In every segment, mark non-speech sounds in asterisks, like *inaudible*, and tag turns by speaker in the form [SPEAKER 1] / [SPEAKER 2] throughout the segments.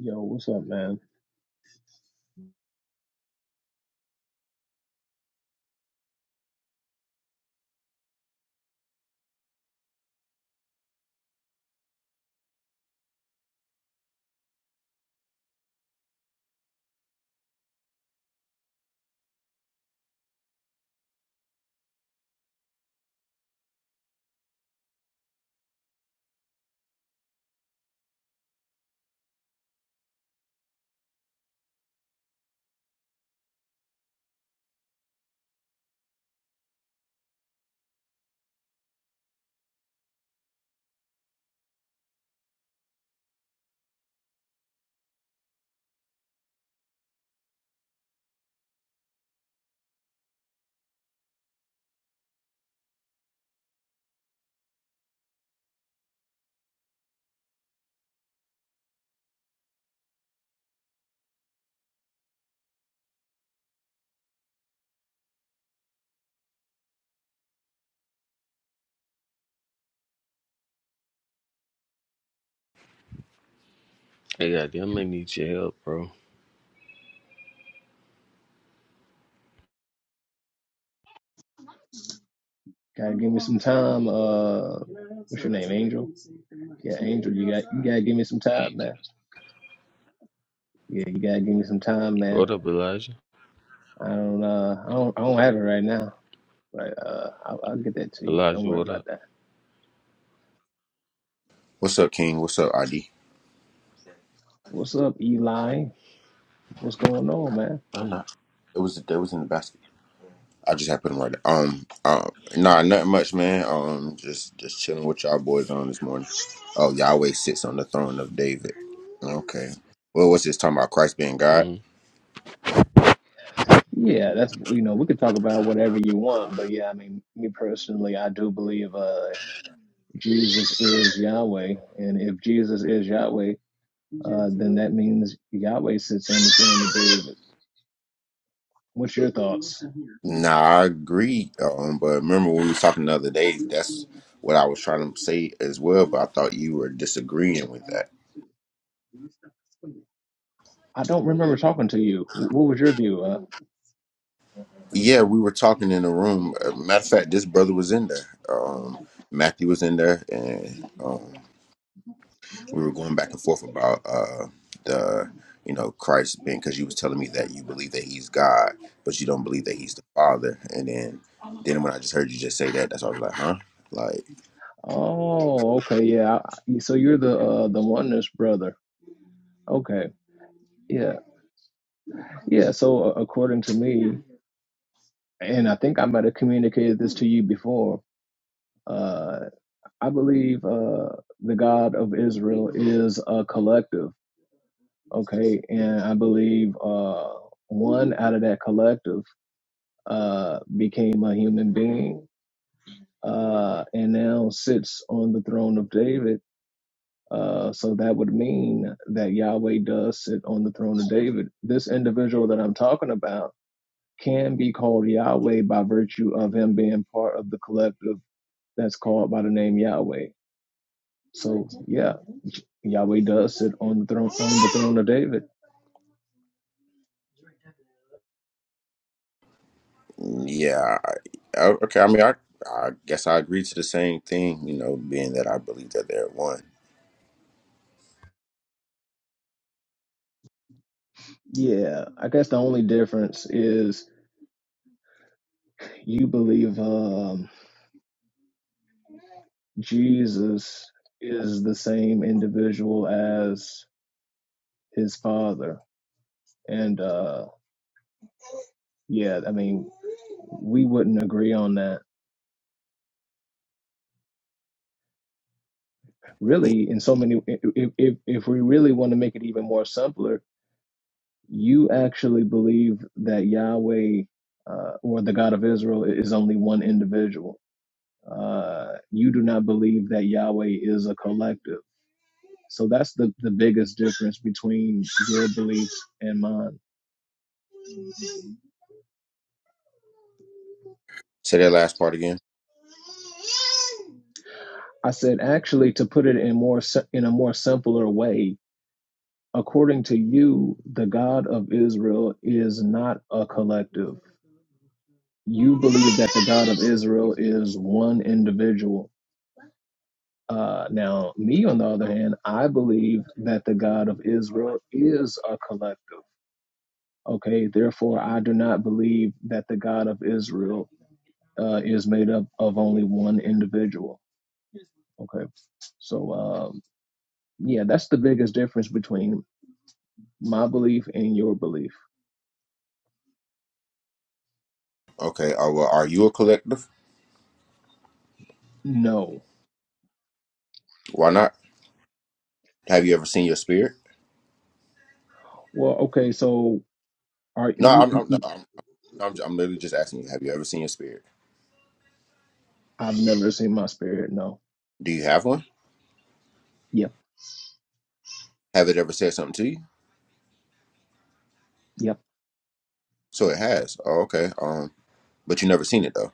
[SPEAKER 1] Yo, what's up, man?
[SPEAKER 2] Hey, goddamn, I may need your help, bro.
[SPEAKER 1] Gotta give me some time. Uh, what's your name, Angel? Yeah, Angel, you got you gotta give me some time, man. Yeah, you gotta give me some time, man.
[SPEAKER 2] What up, Elijah?
[SPEAKER 1] I don't uh, I don't I don't have it right now, but uh, I'll, I'll get that to you. Don't
[SPEAKER 2] Elijah,
[SPEAKER 1] worry
[SPEAKER 2] what
[SPEAKER 1] about
[SPEAKER 2] up?
[SPEAKER 1] that.
[SPEAKER 3] What's up, King? What's up, ID?
[SPEAKER 1] What's up, Eli? What's going on, man?
[SPEAKER 3] I'm not. It was it was in the basket. I just had to put them right there. Um, uh, nah, nothing much, man. Um, just just chilling with y'all boys on this morning. Oh, Yahweh sits on the throne of David. Okay. Well, what's this talking about? Christ being
[SPEAKER 2] Mm.
[SPEAKER 3] God?
[SPEAKER 1] Yeah, that's you know we could talk about whatever you want, but yeah, I mean me personally, I do believe uh Jesus is Yahweh, and if Jesus is Yahweh. uh, then that means Yahweh sits on the throne of David. What's your thoughts?
[SPEAKER 3] Nah, I agree. Um, but remember when we was talking the other day? That's what I was trying to say as well. But I thought you were disagreeing with that.
[SPEAKER 1] I don't remember talking to you. What was your view? Uh,
[SPEAKER 3] Yeah, we were talking in the room. Uh, Matter of fact, this brother was in there. Um, Matthew was in there, and um. we were going back and forth about uh the you know Christ being because you was telling me that you believe that he's God, but you don't believe that he's the Father. And then then when I just heard you just say that, that's why I was like, huh? Like,
[SPEAKER 1] oh, okay, yeah. So you're the uh, the oneness brother. Okay, yeah, yeah. So uh, according to me, and I think I might have communicated this to you before. Uh, I believe uh, the God of Israel is a collective. Okay, and I believe uh, one out of that collective. uh, became a human being, uh, and now sits on the throne of David. Uh, so that would mean that Yahweh does sit on the throne of David. This individual that I'm talking about can be called Yahweh by virtue of him being part of the collective that's called by the name Yahweh. So yeah, Yahweh does sit on the throne on the throne of David.
[SPEAKER 3] mm, yeah, I, I- okay. I mean, I I guess I agree to the same thing, you know, being that I believe that they're one.
[SPEAKER 1] Yeah, I guess the only difference is you believe. Um, Jesus is the same individual as his father. And uh yeah, I mean, we wouldn't agree on that. Really, in so many if if if we really want to make it even more simpler, you actually believe that Yahweh uh, or the God of Israel is only one individual. Uh, you do not believe that Yahweh is a collective. So that's the, the biggest difference between your beliefs and mine.
[SPEAKER 3] Say that last part again.
[SPEAKER 1] I said, actually, to put it in more si- in a more simpler way, according to you, the God of Israel is not a collective. You believe that the God of Israel is one individual. Uh, now, me on the other hand, I believe that the God of Israel is a collective. Okay, therefore, I do not believe that the God of Israel uh, is made up of only one individual. Okay, so um, yeah, that's the biggest difference between my belief and your belief.
[SPEAKER 3] Okay. Uh, well, are you a collective?
[SPEAKER 1] No.
[SPEAKER 3] Why not? Have you ever seen your spirit?
[SPEAKER 1] Well, okay, so are
[SPEAKER 3] No, I'm I'm, no, I'm I'm I'm literally just asking you. Have you ever seen your spirit?
[SPEAKER 1] I've never seen my spirit. No.
[SPEAKER 3] Do you have one?
[SPEAKER 1] Yep.
[SPEAKER 3] Have it ever said something to you?
[SPEAKER 1] Yep.
[SPEAKER 3] So it has. Oh, okay. Um, but you never seen it though.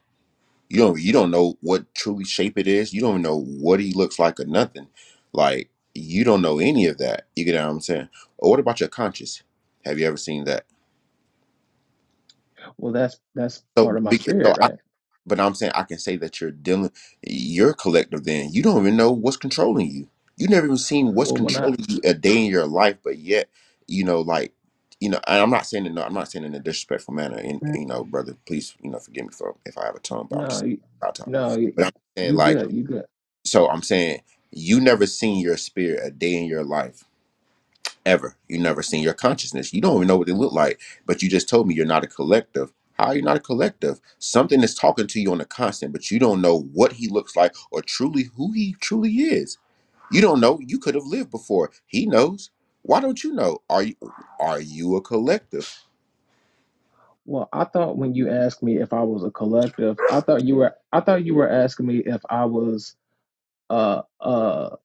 [SPEAKER 3] You don't. You don't know what truly shape it is. You don't know what he looks like or nothing. Like you don't know any of that. You get what I'm saying? Or what about your conscious? Have you ever seen that?
[SPEAKER 1] Well, that's that's part
[SPEAKER 3] So,
[SPEAKER 1] of my
[SPEAKER 3] be- so
[SPEAKER 1] spirit,
[SPEAKER 3] I
[SPEAKER 1] right?
[SPEAKER 3] But I'm saying I can say that you're dealing, you're collective then. You don't even know what's controlling you. You never even seen what's
[SPEAKER 1] Well, when I
[SPEAKER 3] controlling you a day in your life, but yet, you know, like, you know, and I'm not saying it, no, I'm not saying it in a disrespectful manner. And, you know, brother, please, you know, forgive me for if I have a tongue, but I'm
[SPEAKER 1] no,
[SPEAKER 3] just out of tongue.
[SPEAKER 1] no,
[SPEAKER 3] But
[SPEAKER 1] you
[SPEAKER 3] I'm saying,
[SPEAKER 1] you
[SPEAKER 3] like,
[SPEAKER 1] good, you good.
[SPEAKER 3] so I'm saying you never seen your spirit a day in your life ever. You never seen your consciousness. You don't even know what they look like. But you just told me you're not a collective. How are you not a collective? Something is talking to you on a constant, but you don't know what he looks like or truly who he truly is. You don't know. You could have lived before. He knows. Why don't you know? Are you are you a collective?
[SPEAKER 1] Well, I thought when you asked me if I was a collective, I thought you were I thought you were asking me if I was uh uh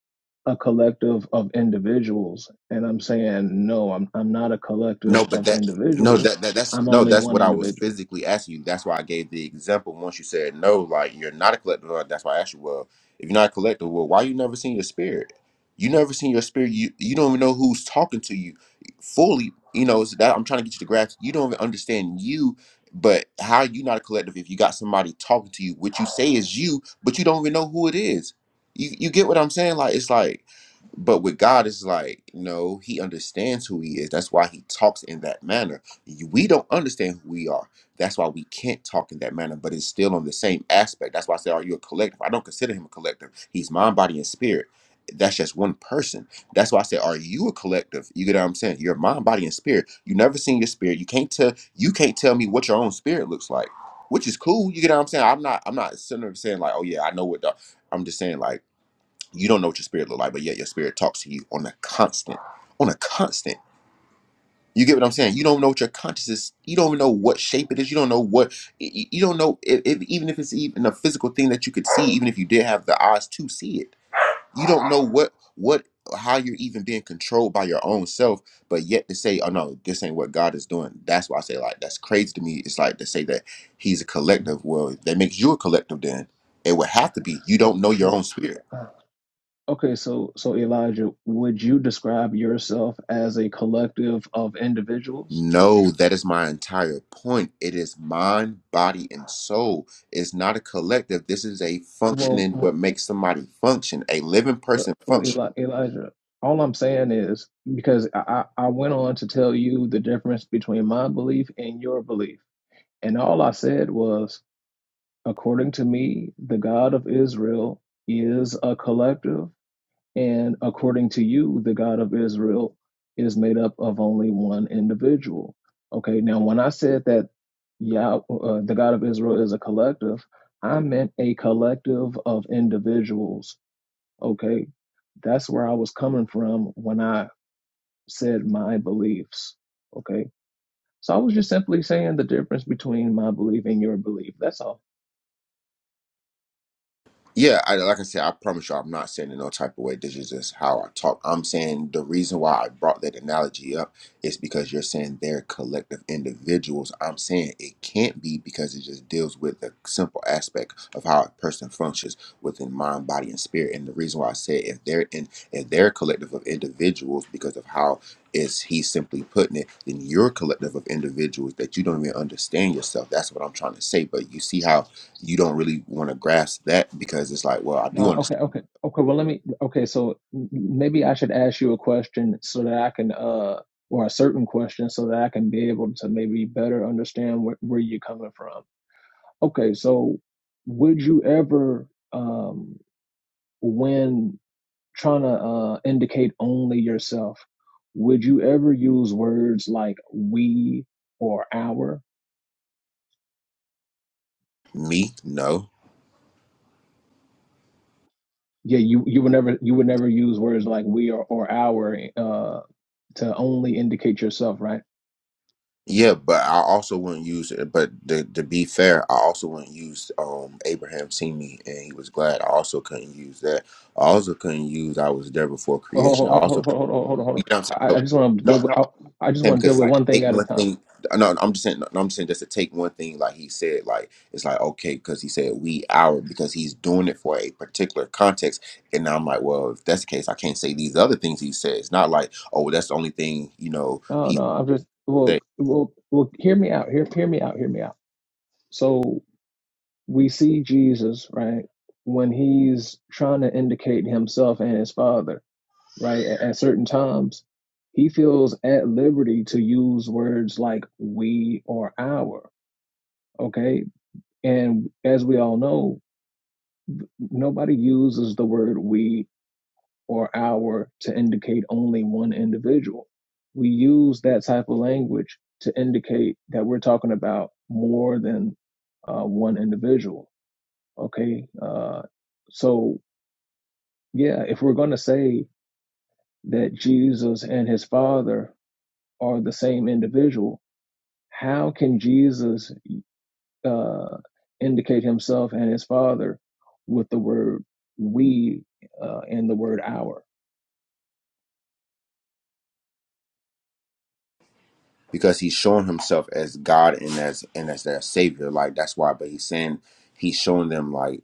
[SPEAKER 1] a collective of individuals, and I'm saying no, I'm I'm not a collective
[SPEAKER 3] No, but
[SPEAKER 1] of
[SPEAKER 3] that no
[SPEAKER 1] individuals.
[SPEAKER 3] that, that that's
[SPEAKER 1] I'm
[SPEAKER 3] no
[SPEAKER 1] only
[SPEAKER 3] that's
[SPEAKER 1] one
[SPEAKER 3] what I was
[SPEAKER 1] individual.
[SPEAKER 3] physically asking you. That's why I gave the example. Once you said no, like you're not a collector, uh, that's why I asked you. Well, if you're not a collector, well, why you never seen your spirit? You never seen your spirit. You you don't even know who's talking to you fully. You know so that I'm trying to get you to grasp. You don't even understand you. But how you not a collective if you got somebody talking to you? What you say is you, but you don't even know who it is. You you get what I'm saying? Like it's like but with God, it's like, you know, He understands who He is. That's why He talks in that manner. You- We don't understand who we are. That's why we can't talk in that manner, but it's still on the same aspect. That's why I say, Are you a collective? I don't consider Him a collective. He's mind, body, and spirit. That's just one person. That's why I say, Are you a collective? You get what I'm saying? You're mind, body, and spirit. You never seen your spirit. You can't tell you can't tell me what your own spirit looks like. Which is cool, you get what I'm saying? I'm not I'm not sitting there saying like, oh yeah, I know what the I'm just saying like you don't know what your spirit look like, but yet your spirit talks to you on a constant, on a constant. You get what I'm saying? You don't know what your conscious is. You don't even know what shape it is. You don't know what. y- You don't know if, if even if it's even a physical thing that you could see, even if you did have the eyes to see it. You don't know what what how you're even being controlled by your own self. But yet to say, oh no, this ain't what God is doing. That's why I say like that's crazy to me. It's like to say that He's a collective. Well, that makes you a collective. Then it would have to be. You
[SPEAKER 1] Oh,
[SPEAKER 3] don't know your
[SPEAKER 1] well,
[SPEAKER 3] own spirit
[SPEAKER 1] uh, okay, so so Elijah, would you describe yourself as a collective of individuals?
[SPEAKER 3] No, that is my entire point. It is mind, body, and soul. It's not a collective. This is a
[SPEAKER 1] Well,
[SPEAKER 3] functioning,
[SPEAKER 1] wh-
[SPEAKER 3] what makes somebody function. A living person
[SPEAKER 1] well,
[SPEAKER 3] functions.
[SPEAKER 1] Eli- Elijah, all I'm saying is because I I I went on to tell you the difference between my belief and your belief, and all I said was, according to me, the God of Israel is a collective And according to you, the God of Israel is made up of only one individual. Okay, now when I said that Yah, uh, the God of Israel is a collective, I meant a collective of individuals. Okay, that's where I was coming from when I said my beliefs. Okay, so I was just simply saying the difference between my belief and your belief. That's all.
[SPEAKER 3] Yeah, I, like I said, I promise you, I'm not saying in no type of way. This is just how I talk. I'm saying the reason why I brought that analogy up is because you're saying they're collective individuals. I'm saying it can't be because it just deals with the simple aspect of how a person functions within mind, body, and spirit. And the reason why I said if they're in, if they're collective of individuals because of how is he simply putting it, then you're collective of individuals that you don't even understand yourself. That's what I'm trying to say. But you see how you don't really want to grasp that because it's like, well, I
[SPEAKER 1] No,
[SPEAKER 3] do
[SPEAKER 1] okay,
[SPEAKER 3] understand
[SPEAKER 1] okay, okay. Well, let me. Okay, so m- maybe I should ask you a question so that I can, uh, or a certain question so that I can be able to maybe better understand where, where you're coming from. Okay, so would you ever, um, when trying to uh, indicate only yourself, would you ever use words like we or our?
[SPEAKER 3] me, no.
[SPEAKER 1] Yeah, you you would never you would never use words like we or or our uh to only indicate yourself, right?
[SPEAKER 3] Yeah, but I also wouldn't use it. But to, to be fair, I also wouldn't use um Abraham seen me and he was glad. I also couldn't use that. I also couldn't use I was there before
[SPEAKER 1] Well, hold,
[SPEAKER 3] creation. I
[SPEAKER 1] hold,
[SPEAKER 3] also,
[SPEAKER 1] hold, hold, hold, hold, hold,
[SPEAKER 3] you
[SPEAKER 1] hold.
[SPEAKER 3] know what I'm saying?
[SPEAKER 1] I,
[SPEAKER 3] So,
[SPEAKER 1] I just want to
[SPEAKER 3] no,
[SPEAKER 1] deal
[SPEAKER 3] no,
[SPEAKER 1] with. I, I just
[SPEAKER 3] saying
[SPEAKER 1] want to
[SPEAKER 3] because
[SPEAKER 1] deal
[SPEAKER 3] it's
[SPEAKER 1] with
[SPEAKER 3] like to
[SPEAKER 1] one thing
[SPEAKER 3] take
[SPEAKER 1] at a
[SPEAKER 3] one
[SPEAKER 1] time.
[SPEAKER 3] thing. No, no, I'm just saying. No, no, I'm just saying just to take one thing. Like he said, like it's like okay, because he said we our because he's doing it for a particular context. And now I'm like, well, if that's the case, I can't say these other things he said. It's not like oh, that's the only thing you know
[SPEAKER 1] No,
[SPEAKER 3] he
[SPEAKER 1] no, I'm just.
[SPEAKER 3] said.
[SPEAKER 1] Well, well, well. Hear me out. Hear, hear me out. Hear me out. So we see Jesus, right, when he's trying to indicate himself and his Father, right, at, at certain times, he feels at liberty to use words like "we" or "our." Okay, and as we all know, nobody uses the word "we" or our to indicate only one individual. We use that type of language to indicate that we're talking about more than uh, one individual. Okay. Uh, so, yeah, if we're going to say that Jesus and his father are the same individual, how can Jesus uh, indicate himself and his father with the word we uh, and the word our?
[SPEAKER 3] because he's showing himself as God and as and as their savior. Like that's why. But he's saying he's showing them like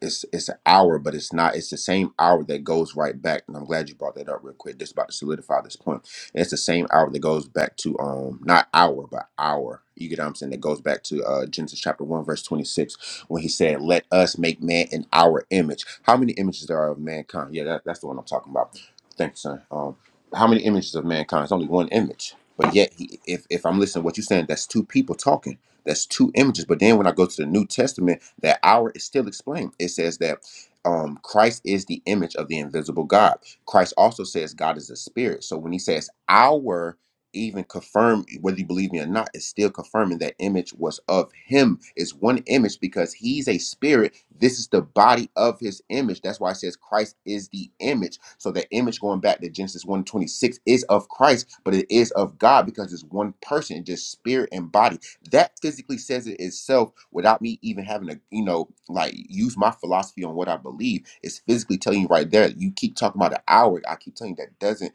[SPEAKER 3] it's it's an hour, but it's not. It's the same hour that goes right back. And I'm glad you brought that up real quick. Just about to solidify this point. it's the same hour that goes back to um not hour but hour. You get what I'm saying? That goes back to uh, Genesis chapter one verse 26 when he said, "Let us make man in our image." How many images there are of mankind? Yeah, that, that's the one I'm talking about. Thanks, son. Um, how many images of mankind? It's only one image but yet, he, if if I'm listening to what you're saying, that's two people talking. That's two images. But then when I go to the New Testament, that hour is still explained. It says that um, Christ is the image of the invisible God. Christ also says God is a spirit. So when he says our even confirm whether you believe me or not it's still confirming that image was of him it's one image because he's a spirit this is the body of his image that's why it says christ is the image so that image going back to genesis one 26 is of christ but it is of god because it's one person just spirit and body that physically says it itself without me even having to you know like use my philosophy on what i believe it's physically telling you right there you keep talking about an hour i keep telling you that doesn't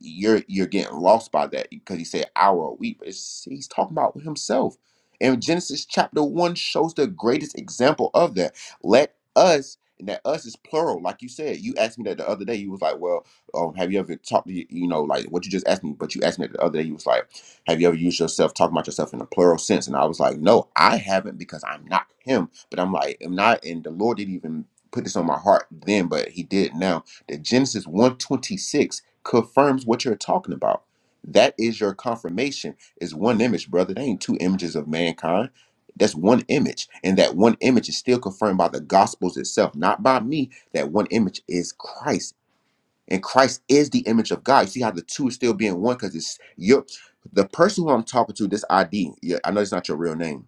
[SPEAKER 3] you're you're getting lost by that because he said hour a week. But it's, he's talking about himself. And Genesis chapter one shows the greatest example of that. Let us and that us is plural, like you said. You asked me that the other day. You was like, "Well, um, have you ever talked to you, you know like what you just asked me?" But you asked me that the other day. You was like, "Have you ever used yourself talking about yourself in a plural sense?" And I was like, "No, I haven't because I'm not him." But I'm like, "I'm not," and the Lord didn't even put this on my heart then, but He did now. That Genesis one twenty six confirms what you're talking about. That is your confirmation. It's one image, brother. There ain't two images of mankind. That's one image. And that one image is still confirmed by the gospels itself, not by me. That one image is Christ and Christ is the image of God. You see how the two is still being one because it's your the person who I'm talking to. This ID, yeah, I know it's not your real name.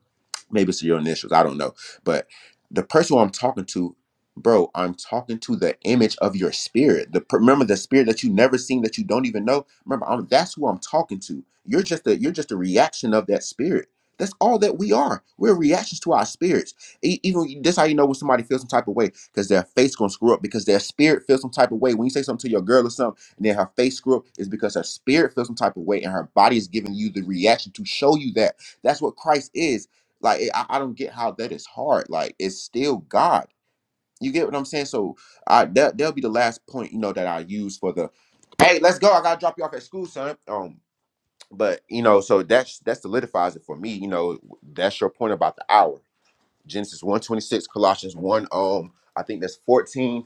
[SPEAKER 3] Maybe it's your initials. I don't know, but the person who I'm talking to, bro, I'm talking to the image of your spirit. The remember the spirit that you never seen that you don't even know. Remember, I'm, that's who I'm talking to. You're just a you're just a reaction of that spirit. That's all that we are. We're reactions to our spirits. E- Even that's how you know when somebody feels some type of way because their face gonna screw up because their spirit feels some type of way. When you say something to your girl or something, and then her face screw up, is because her spirit feels some type of way, and her body is giving you the reaction to show you that. That's what Christ is. Like I, I don't get how that is hard. Like it's still God. You get what I'm saying? So I that that'll be the last point you know that I use for the. Hey, let's go. I gotta drop you off at school, son. Um, but you know, so that's that solidifies it for me. You know, that's your point about the hour. Genesis 126, Colossians 1, um, I think that's 14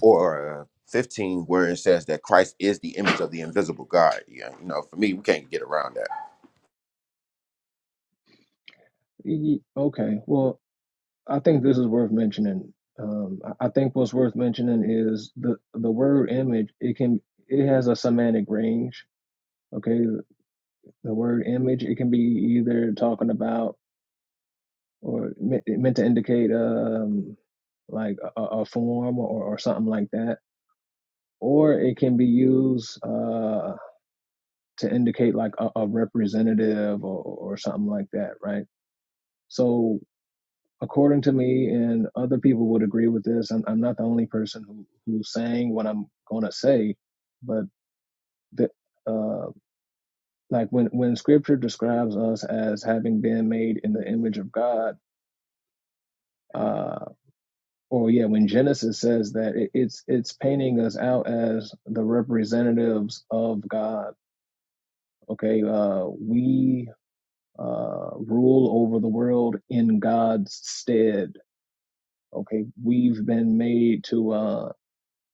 [SPEAKER 3] or uh, 15 where it says that Christ is the image of the invisible God. Yeah, you know, for me, we can't get around that.
[SPEAKER 1] Okay. Well, I think this is worth mentioning. Um, I I think what's worth mentioning is the the word image. It can it has a semantic range. Okay, the word image it can be either talking about or me- meant to indicate um like a, a a form or, or something like that, or it can be used uh to indicate like a, a representative or, or something like that, right? So according to me, and other people would agree with this. I'm, I'm not the only person who who's saying what I'm going to say, but the, uh, like when when Scripture describes us as having been made in the image of God, uh, or yeah, when Genesis says that, it, it's it's painting us out as the representatives of God. Okay, uh, we uh, rule over the world in God's stead. Okay, we've been made to. uh,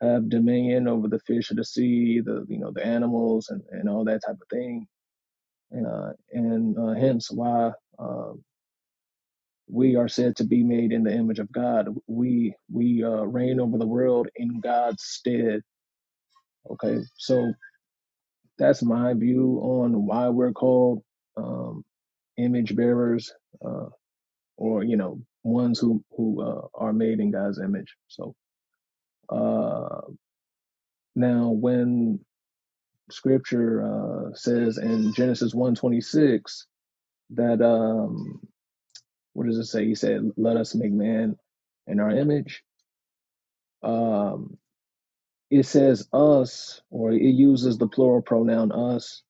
[SPEAKER 1] have dominion over the fish of the sea, the you know the animals and, and all that type of thing, and uh, and uh, hence why uh, we are said to be made in the image of God. We we uh, reign over the world in God's stead. Okay, so that's my view on why we're called um, image bearers, uh, or you know ones who who uh, are made in God's image. So uh, now when scripture uh, says in Genesis one twenty six that um, what does it say? He said, "Let us make man in our image." Um, it says us, or it uses the plural pronoun us,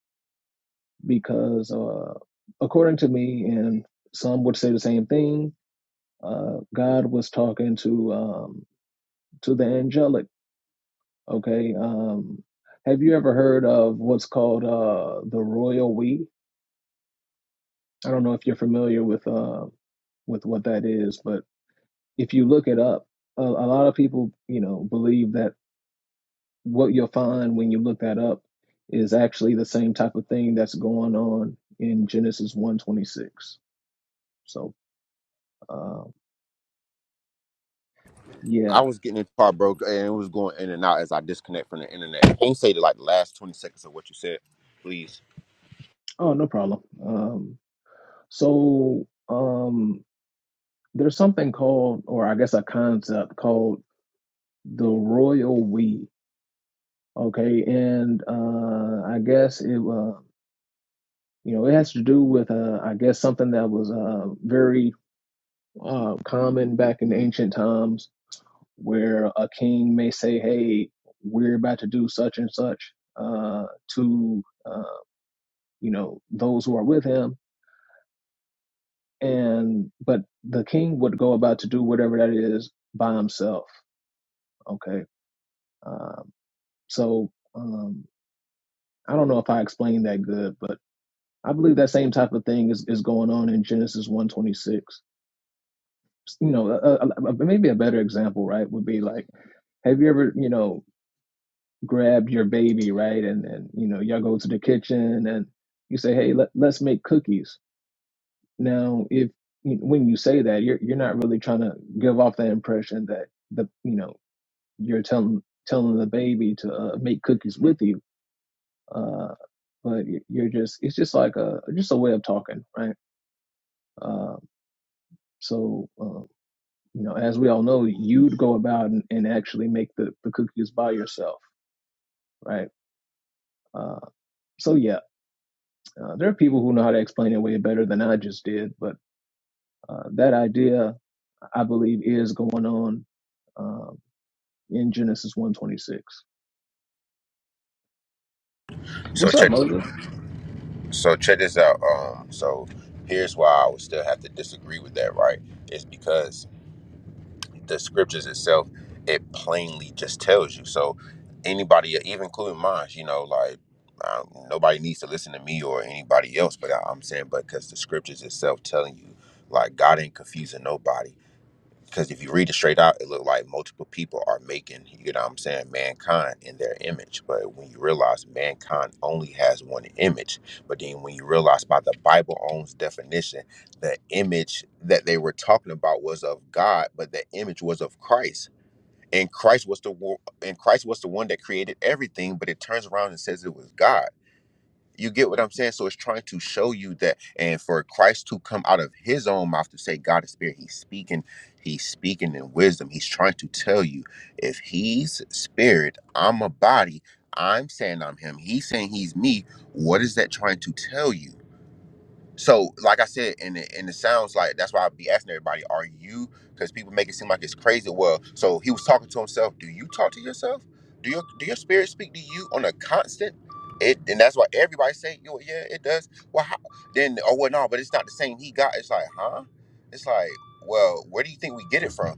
[SPEAKER 1] because uh, according to me, and some would say the same thing, uh, God was talking to um, to the angelic. Okay, um, have you ever heard of what's called uh, the royal we? I don't know if you're familiar with uh, with what that is, but if you look it up, a, a lot of people, you know, believe that what you'll find when you look that up is actually the same type of thing that's going on in Genesis one twenty six. So, uh, yeah.
[SPEAKER 3] I was getting in the car, bro, and it was going in and out as I disconnect from the internet. Can you say the, like the last 20 seconds of what you said, please?
[SPEAKER 1] Oh, no problem. Um, so, um, there's something called, or I guess a concept called the royal we. Okay, and uh, I guess it. uh, You know, it has to do with, uh, I guess, something that was uh, very uh, common back in ancient times where a king may say, hey, we're about to do such and such uh, to, uh, you know, those who are with him. And, but the king would go about to do whatever that is by himself. Okay. Um, so um, I don't know if I explained that good, but I believe that same type of thing is, is going on in Genesis 126 you know, a, a, a- maybe a better example, right, would be like, have you ever, you know, grabbed your baby, right, and and you know, y'all go to the kitchen and you say, hey, let, let's make cookies. Now, if when you say that, you're you're not really trying to give off the impression that the you know you're telling telling the baby to uh, make cookies with you, uh, but you're just it's just like a just a way of talking, right? Uh, so. Uh, You know, as we all know, you'd go about and, and actually make the, the cookies by yourself, right? Uh, so yeah, uh, there are people who know how to explain it way better than I just did, but uh, that idea, I believe, is going on um, in Genesis 126.
[SPEAKER 3] So
[SPEAKER 1] What's up,
[SPEAKER 3] check
[SPEAKER 1] Moses?
[SPEAKER 3] so check this out. Um so here's why I would still have to disagree with that, right? Is because the scriptures itself, it plainly just tells you. So anybody, even including mine, you know, like um, nobody needs to listen to me or anybody else, but I, I'm saying, but because the scriptures itself telling you, like God ain't confusing nobody because if you read it straight out, it looked like multiple people are making, you know what I'm saying, mankind in their image. But when you realize mankind only has one image, but then when you realize by the Bible owns definition, the image that they were talking about was of God, but the image was of Christ. And Christ was the wo- and Christ was the one that created everything, but it turns around and says it was God. You get what I'm saying? So it's trying to show you that, and for Christ to come out of his own mouth to say, God is spirit, he's speaking, he's speaking in wisdom. He's trying to tell you, if he's spirit, I'm a body, I'm saying I'm him, he's saying he's me. What is that trying to tell you? So, like I said, and it, and it sounds like that's why I be asking everybody, are you? Because people make it seem like it's crazy. Well, so he was talking to himself. Do you talk to yourself? Do your do your spirit speak to you on a constant? It and that's why everybody say, yo, yeah, it does. Well, how? then oh well, no, but it's not the same. He got. It's like, huh? It's like, well, where do you think we get it from?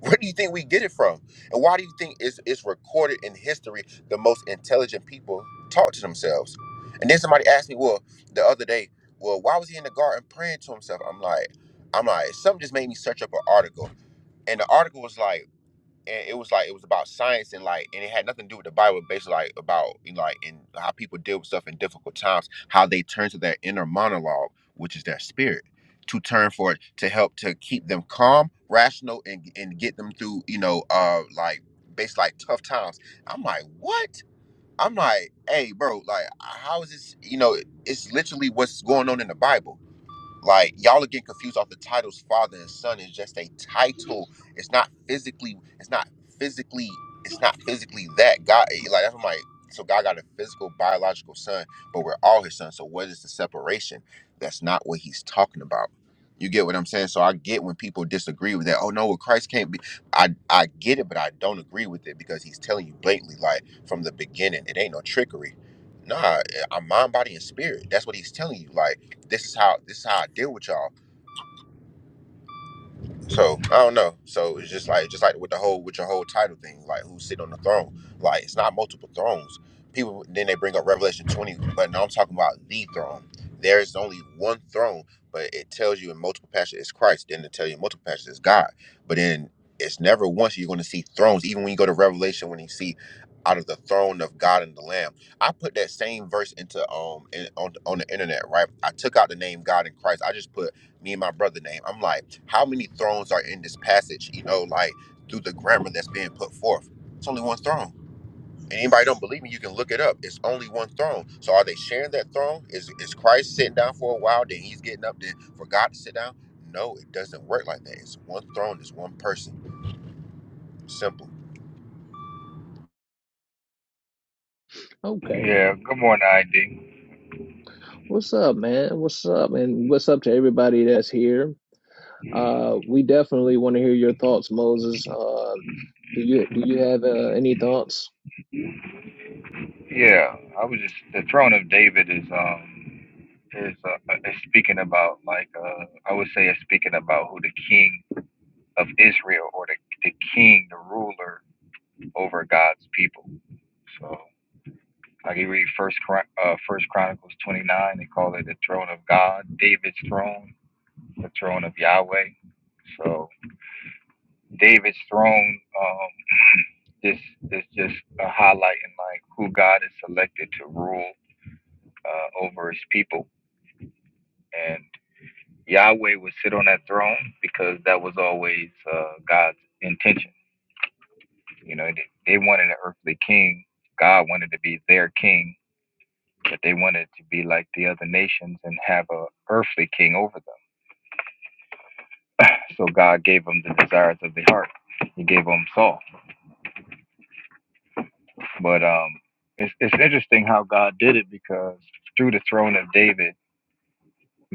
[SPEAKER 3] Where do you think we get it from? And why do you think it's, it's recorded in history the most intelligent people talk to themselves? And then somebody asked me, well, the other day, well, why was he in the garden praying to himself? I'm like, I'm like, something just made me search up an article. And the article was like, and it was like it was about science and like and it had nothing to do with the Bible, basically like about you know, like and how people deal with stuff in difficult times, how they turn to their inner monologue, which is their spirit, to turn for it to help to keep them calm, rational, and and get them through you know uh like basically like tough times. I'm like what? I'm like hey bro, like how is this? You know, it's literally what's going on in the Bible like y'all are getting confused off the titles father and son. It's just a title. It's not physically. It's not physically. It's not physically that God. eh, Like that's what my. So God got a physical, biological son, but we're all His sons. So what is the separation? That's not what He's talking about. You get what I'm saying? So I get when people disagree with that. Oh no, well Christ can't be. I I get it, but I don't agree with it because He's telling you blatantly, like from the beginning, it ain't no trickery. Nah, eh, I'm mind, body, and spirit. That's what He's telling you. Like this is how this is how I deal with y'all. So I don't know. So it's just like just like with the whole with your whole title thing, like who's sitting on the throne. Like it's not multiple thrones. People then they bring up Revelation twenty, but now I'm talking about the throne. There's only one throne, but it tells you in multiple passages it's Christ. Then it tells you in multiple passages it's God. But then it's never once you're going to see thrones. Even when you go to Revelation, when you see out of the throne of God and the Lamb, I put that same verse into um in, on on the internet. Right, I took out the name God and Christ. I just put me and my brother name. I'm like, how many thrones are in this passage? You know, like through the grammar that's being put forth. It's only one throne. And anybody don't believe me, you can look it up. It's only one throne. So are they sharing that throne? Is is Christ sitting down for a while, then he's getting up, then for God to sit down? No, it doesn't work like that. It's one throne, it's one person. Simple.
[SPEAKER 1] Okay.
[SPEAKER 4] Yeah, good morning, ID.
[SPEAKER 1] What's up, man? What's up? And what's up to everybody that's here? Uh, we definitely want to hear your thoughts, Moses. Uh, do you do you have uh, any thoughts?
[SPEAKER 4] Yeah, I was just the throne of David is um is uh, is speaking about like uh I would say it's speaking about who the king of Israel or the the king, the ruler over God's people. So like you read first Chron- uh first Chronicles twenty nine, they call it the throne of God, David's throne, the throne of Yahweh. So David's throne um is is just a highlighting like who God has selected to rule uh, over his people. And Yahweh would sit on that throne because that was always uh, God's intention. You know, they, they wanted an earthly king. God wanted to be their king, but they wanted to be like the other nations and have an earthly king over them. So God gave them the desires of the heart. He gave them Saul. But um, it's, it's interesting how God did it because through the throne of David,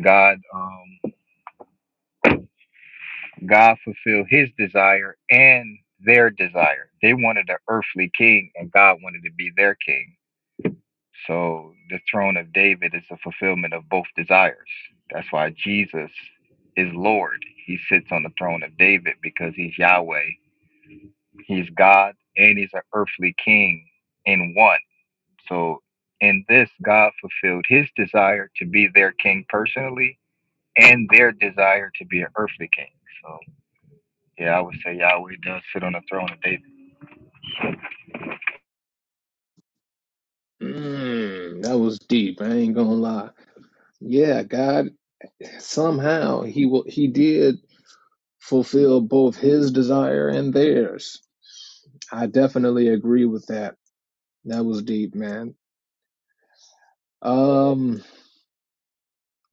[SPEAKER 4] God um, God fulfilled his desire and their desire. They wanted an earthly king, and God wanted to be their king. So the throne of David is a fulfillment of both desires. That's why Jesus is Lord. He sits on the throne of David because he's Yahweh. He's God and he's an earthly king in one. So in this, God fulfilled his desire to be their king personally and their desire to be an earthly king. So. Yeah, I would say Yahweh does sit on the throne of David.
[SPEAKER 1] Mm, that was deep. I ain't gonna lie. Yeah, God somehow he will he did fulfill both his desire and theirs. I definitely agree with that. That was deep, man. Um,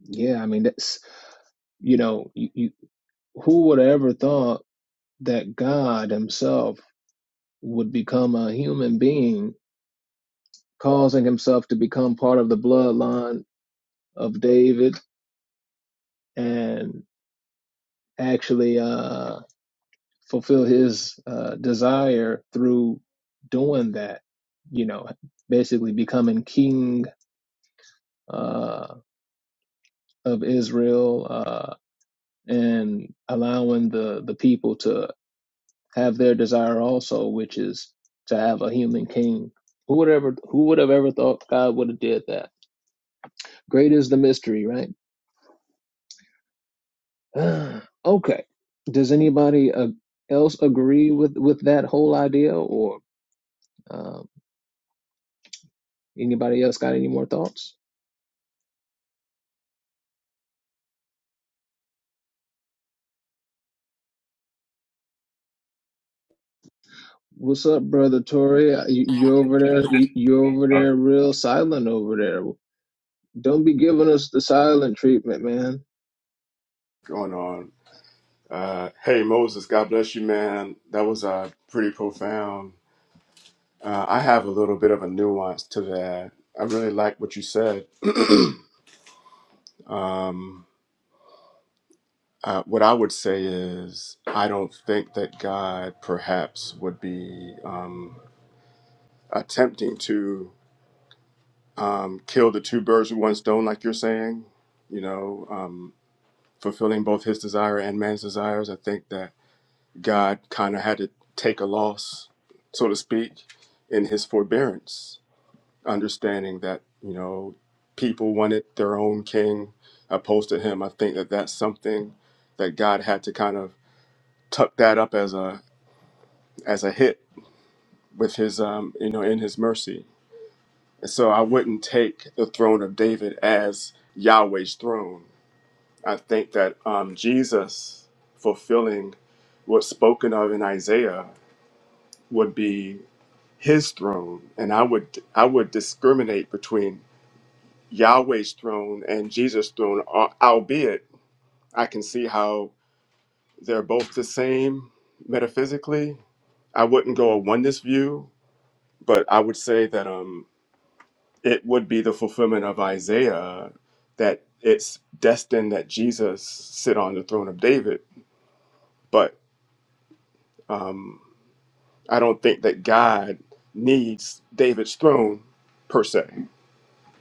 [SPEAKER 1] yeah, I mean that's you know, you, you, who would have ever thought that God himself would become a human being, causing himself to become part of the bloodline of David and actually uh fulfill his uh, desire through doing that, you know, basically becoming king uh, of Israel uh, and allowing the, the people to have their desire also, which is to have a human king. Who would ever who would have ever thought God would have did that? Great is the mystery, right? *sighs* okay. Does anybody uh, else agree with with that whole idea, or um, anybody else got any more thoughts? What's up, brother Tori? You, you over there?
[SPEAKER 4] It's just,
[SPEAKER 1] You, you over
[SPEAKER 4] uh,
[SPEAKER 1] there? Real silent over there. Don't be giving us the silent treatment, man.
[SPEAKER 5] going on. Uh, hey, Moses, God bless you, man. That was uh, pretty profound. Uh, I have a little bit of a nuance to that. I really like what you said. *clears throat* um, uh, what I would say is, I don't think that God perhaps would be um, attempting to um, kill the two birds with one stone, like you're saying, you know, um, fulfilling both his desire and man's desires. I think that God kind of had to take a loss, so to speak, in his forbearance, understanding that, you know, people wanted their own king opposed to him. I think that that's something that God had to kind of tuck that up as a as a hit with his um, you know, in his mercy. And so I wouldn't take the throne of David as Yahweh's throne. I think that um, Jesus fulfilling what's spoken of in Isaiah would be his throne and i would i would discriminate between yahweh's throne and jesus throne al- albeit i can see how they're both the same metaphysically i wouldn't go a oneness view but i would say that um it would be the fulfillment of isaiah that it's destined that jesus sit on the throne of david but um i don't think that god needs david's throne per se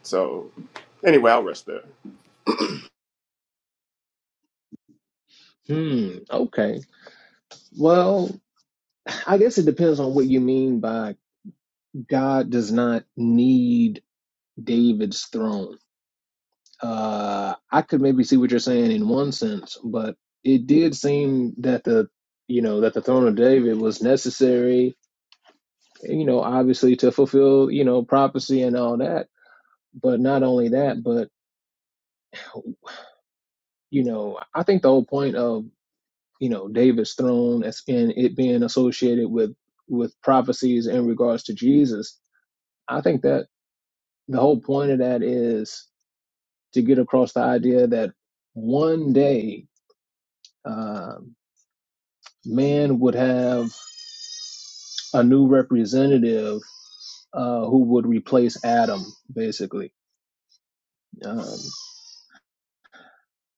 [SPEAKER 5] so anyway i'll rest there
[SPEAKER 1] Hmm. Okay. Well, I guess it depends on what you mean by God does not need David's throne. Uh, I could maybe see what you're saying in one sense, but it did seem that the you know that the throne of David was necessary. You know, obviously to fulfill you know prophecy and all that. But not only that, but you know, I think the whole point of you know David's throne as and it being associated with with prophecies in regards to Jesus, I think that the whole point of that is to get across the idea that one day um man would have a new representative uh, who would replace Adam, basically. Um,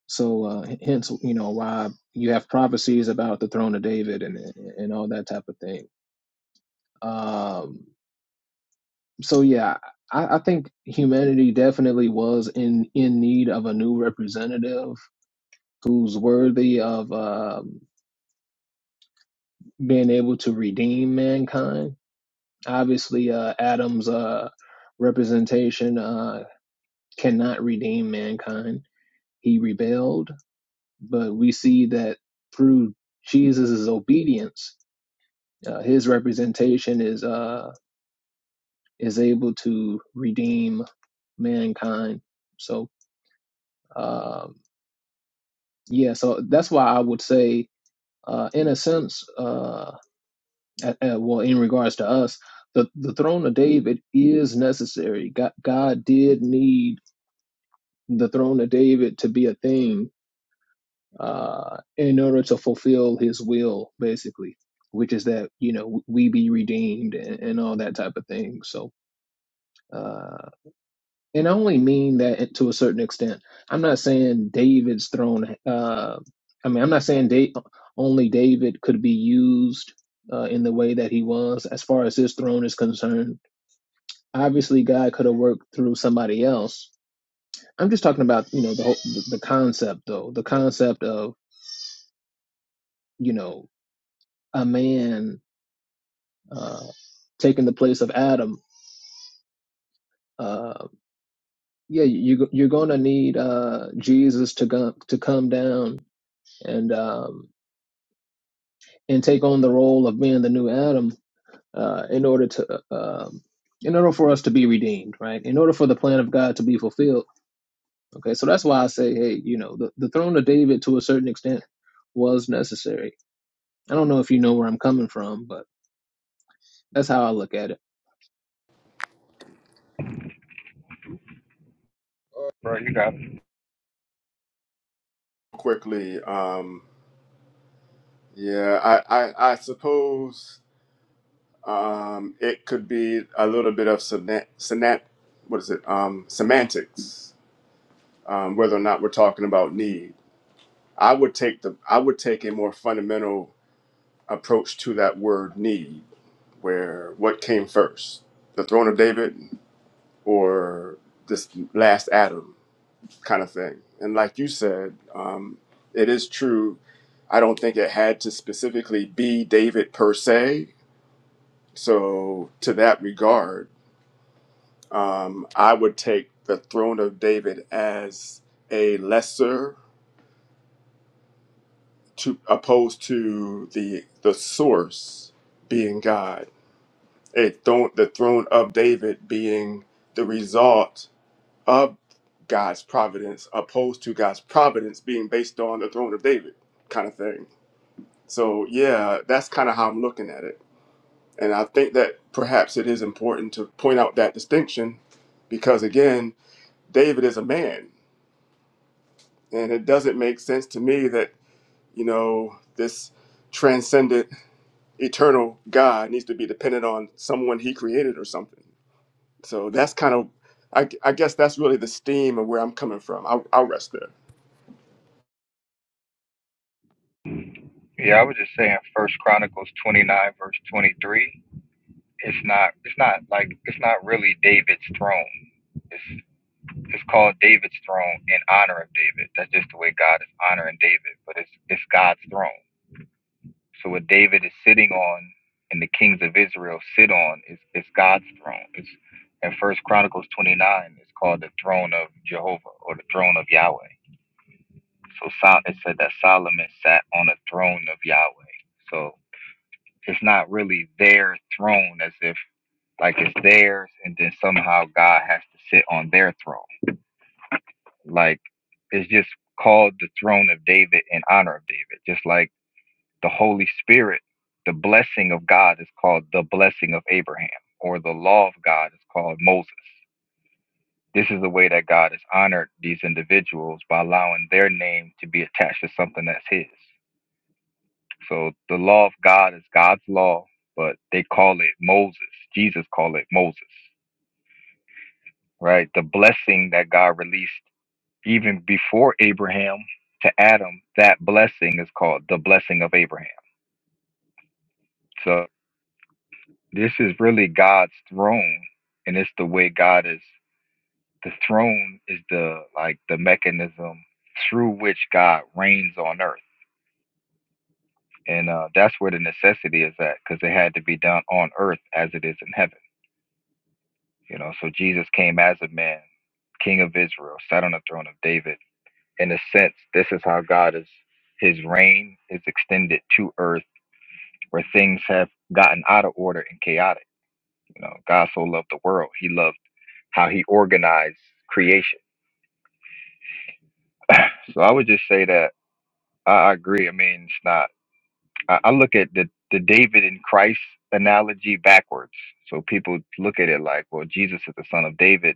[SPEAKER 1] so uh, hence, you know, why you have prophecies about the throne of David and and all that type of thing. Um, so yeah, I, I think humanity definitely was in in need of a new representative who's worthy of um, being able to redeem mankind. Obviously, uh, Adam's uh, representation uh, cannot redeem mankind. He rebelled, but we see that through Jesus' obedience, uh, his representation is uh, is able to redeem mankind. So. Um, Yeah, so that's why I would say, uh, in a sense, uh, uh, uh, well, in regards to us, the, the throne of David is necessary. God, God did need the throne of David to be a thing uh, in order to fulfill his will, basically, which is that, you know, we be redeemed and, and all that type of thing. So, uh, And I only mean that to a certain extent. I'm not saying David's throne. Uh, I mean, I'm not saying da- only David could be used uh, in the way that he was, as far as his throne is concerned. Obviously, God could have worked through somebody else. I'm just talking about, you know, the whole, the, the concept, though, the concept of, you know, a man uh, taking the place of Adam. Uh, yeah, you you're gonna need uh, Jesus to go, to come down and. Um, and take on the role of being the new Adam uh, in order to um, in order for us to be redeemed, right? In order for the plan of God to be fulfilled. Okay, so that's why I say, hey, you know, the, the throne of David to a certain extent was necessary. I don't know if you know where I'm coming from, but that's how I look at it.
[SPEAKER 4] bro, you got. it.
[SPEAKER 5] quickly. Um, yeah, I, I, I suppose um, it could be a little bit of sena- sena- what is it? Um, semantics, um, whether or not we're talking about need. I would take the I would take a more fundamental approach to that word need, where what came first, the throne of David or this last Adam? kind of thing. And like you said, um, it is true. I don't think it had to specifically be David per se. So, to that regard, um, I would take the throne of David as a lesser to opposed to the the source being God. A throne, the throne of David being the result of God's providence, opposed to God's providence being based on the throne of David, kind of thing So yeah, that's kind of how I'm looking at it. And I think that perhaps it is important to point out that distinction because again, David is a man and it doesn't make sense to me that, you know, this transcendent eternal God needs to be dependent on someone he created or something. So that's kind of I, I guess that's really the steam of where I'm coming from. I'll, I'll rest there.
[SPEAKER 4] Yeah, I was just saying First Chronicles twenty nine verse twenty three. It's not. It's not like it's not really David's throne. It's it's called David's throne in honor of David. That's just the way God is honoring David, but it's it's God's throne. So what David is sitting on and the kings of Israel sit on is is God's throne. It's in First Chronicles twenty nine. It's called the throne of Jehovah or the throne of Yahweh. So Sol- it said that Solomon sat on a throne of Yahweh. So it's not really their throne as if like it's theirs and then somehow God has to sit on their throne. Like it's just called the throne of David in honor of David. Just like the Holy Spirit, the blessing of God is called the blessing of Abraham or the law of God is called Moses. This is the way that God has honored these individuals by allowing their name to be attached to something that's his. So the law of God is God's law, but they call it Moses. Jesus called it Moses, right? The blessing that God released even before Abraham to Adam, that blessing is called the blessing of Abraham. So this is really God's throne, and it's the way God is. The throne is the like the mechanism through which God reigns on earth, and uh, that's where the necessity is at, because it had to be done on earth as it is in heaven. You know, so Jesus came as a man, King of Israel, sat on the throne of David. In a sense, this is how God is, his reign is extended to earth where things have gotten out of order and chaotic. You know, God so loved the world. He loved how he organized creation. So I would just say that I I agree. I mean, it's not, I, I look at the, the David and Christ analogy backwards. So people look at it like, well, Jesus is the son of David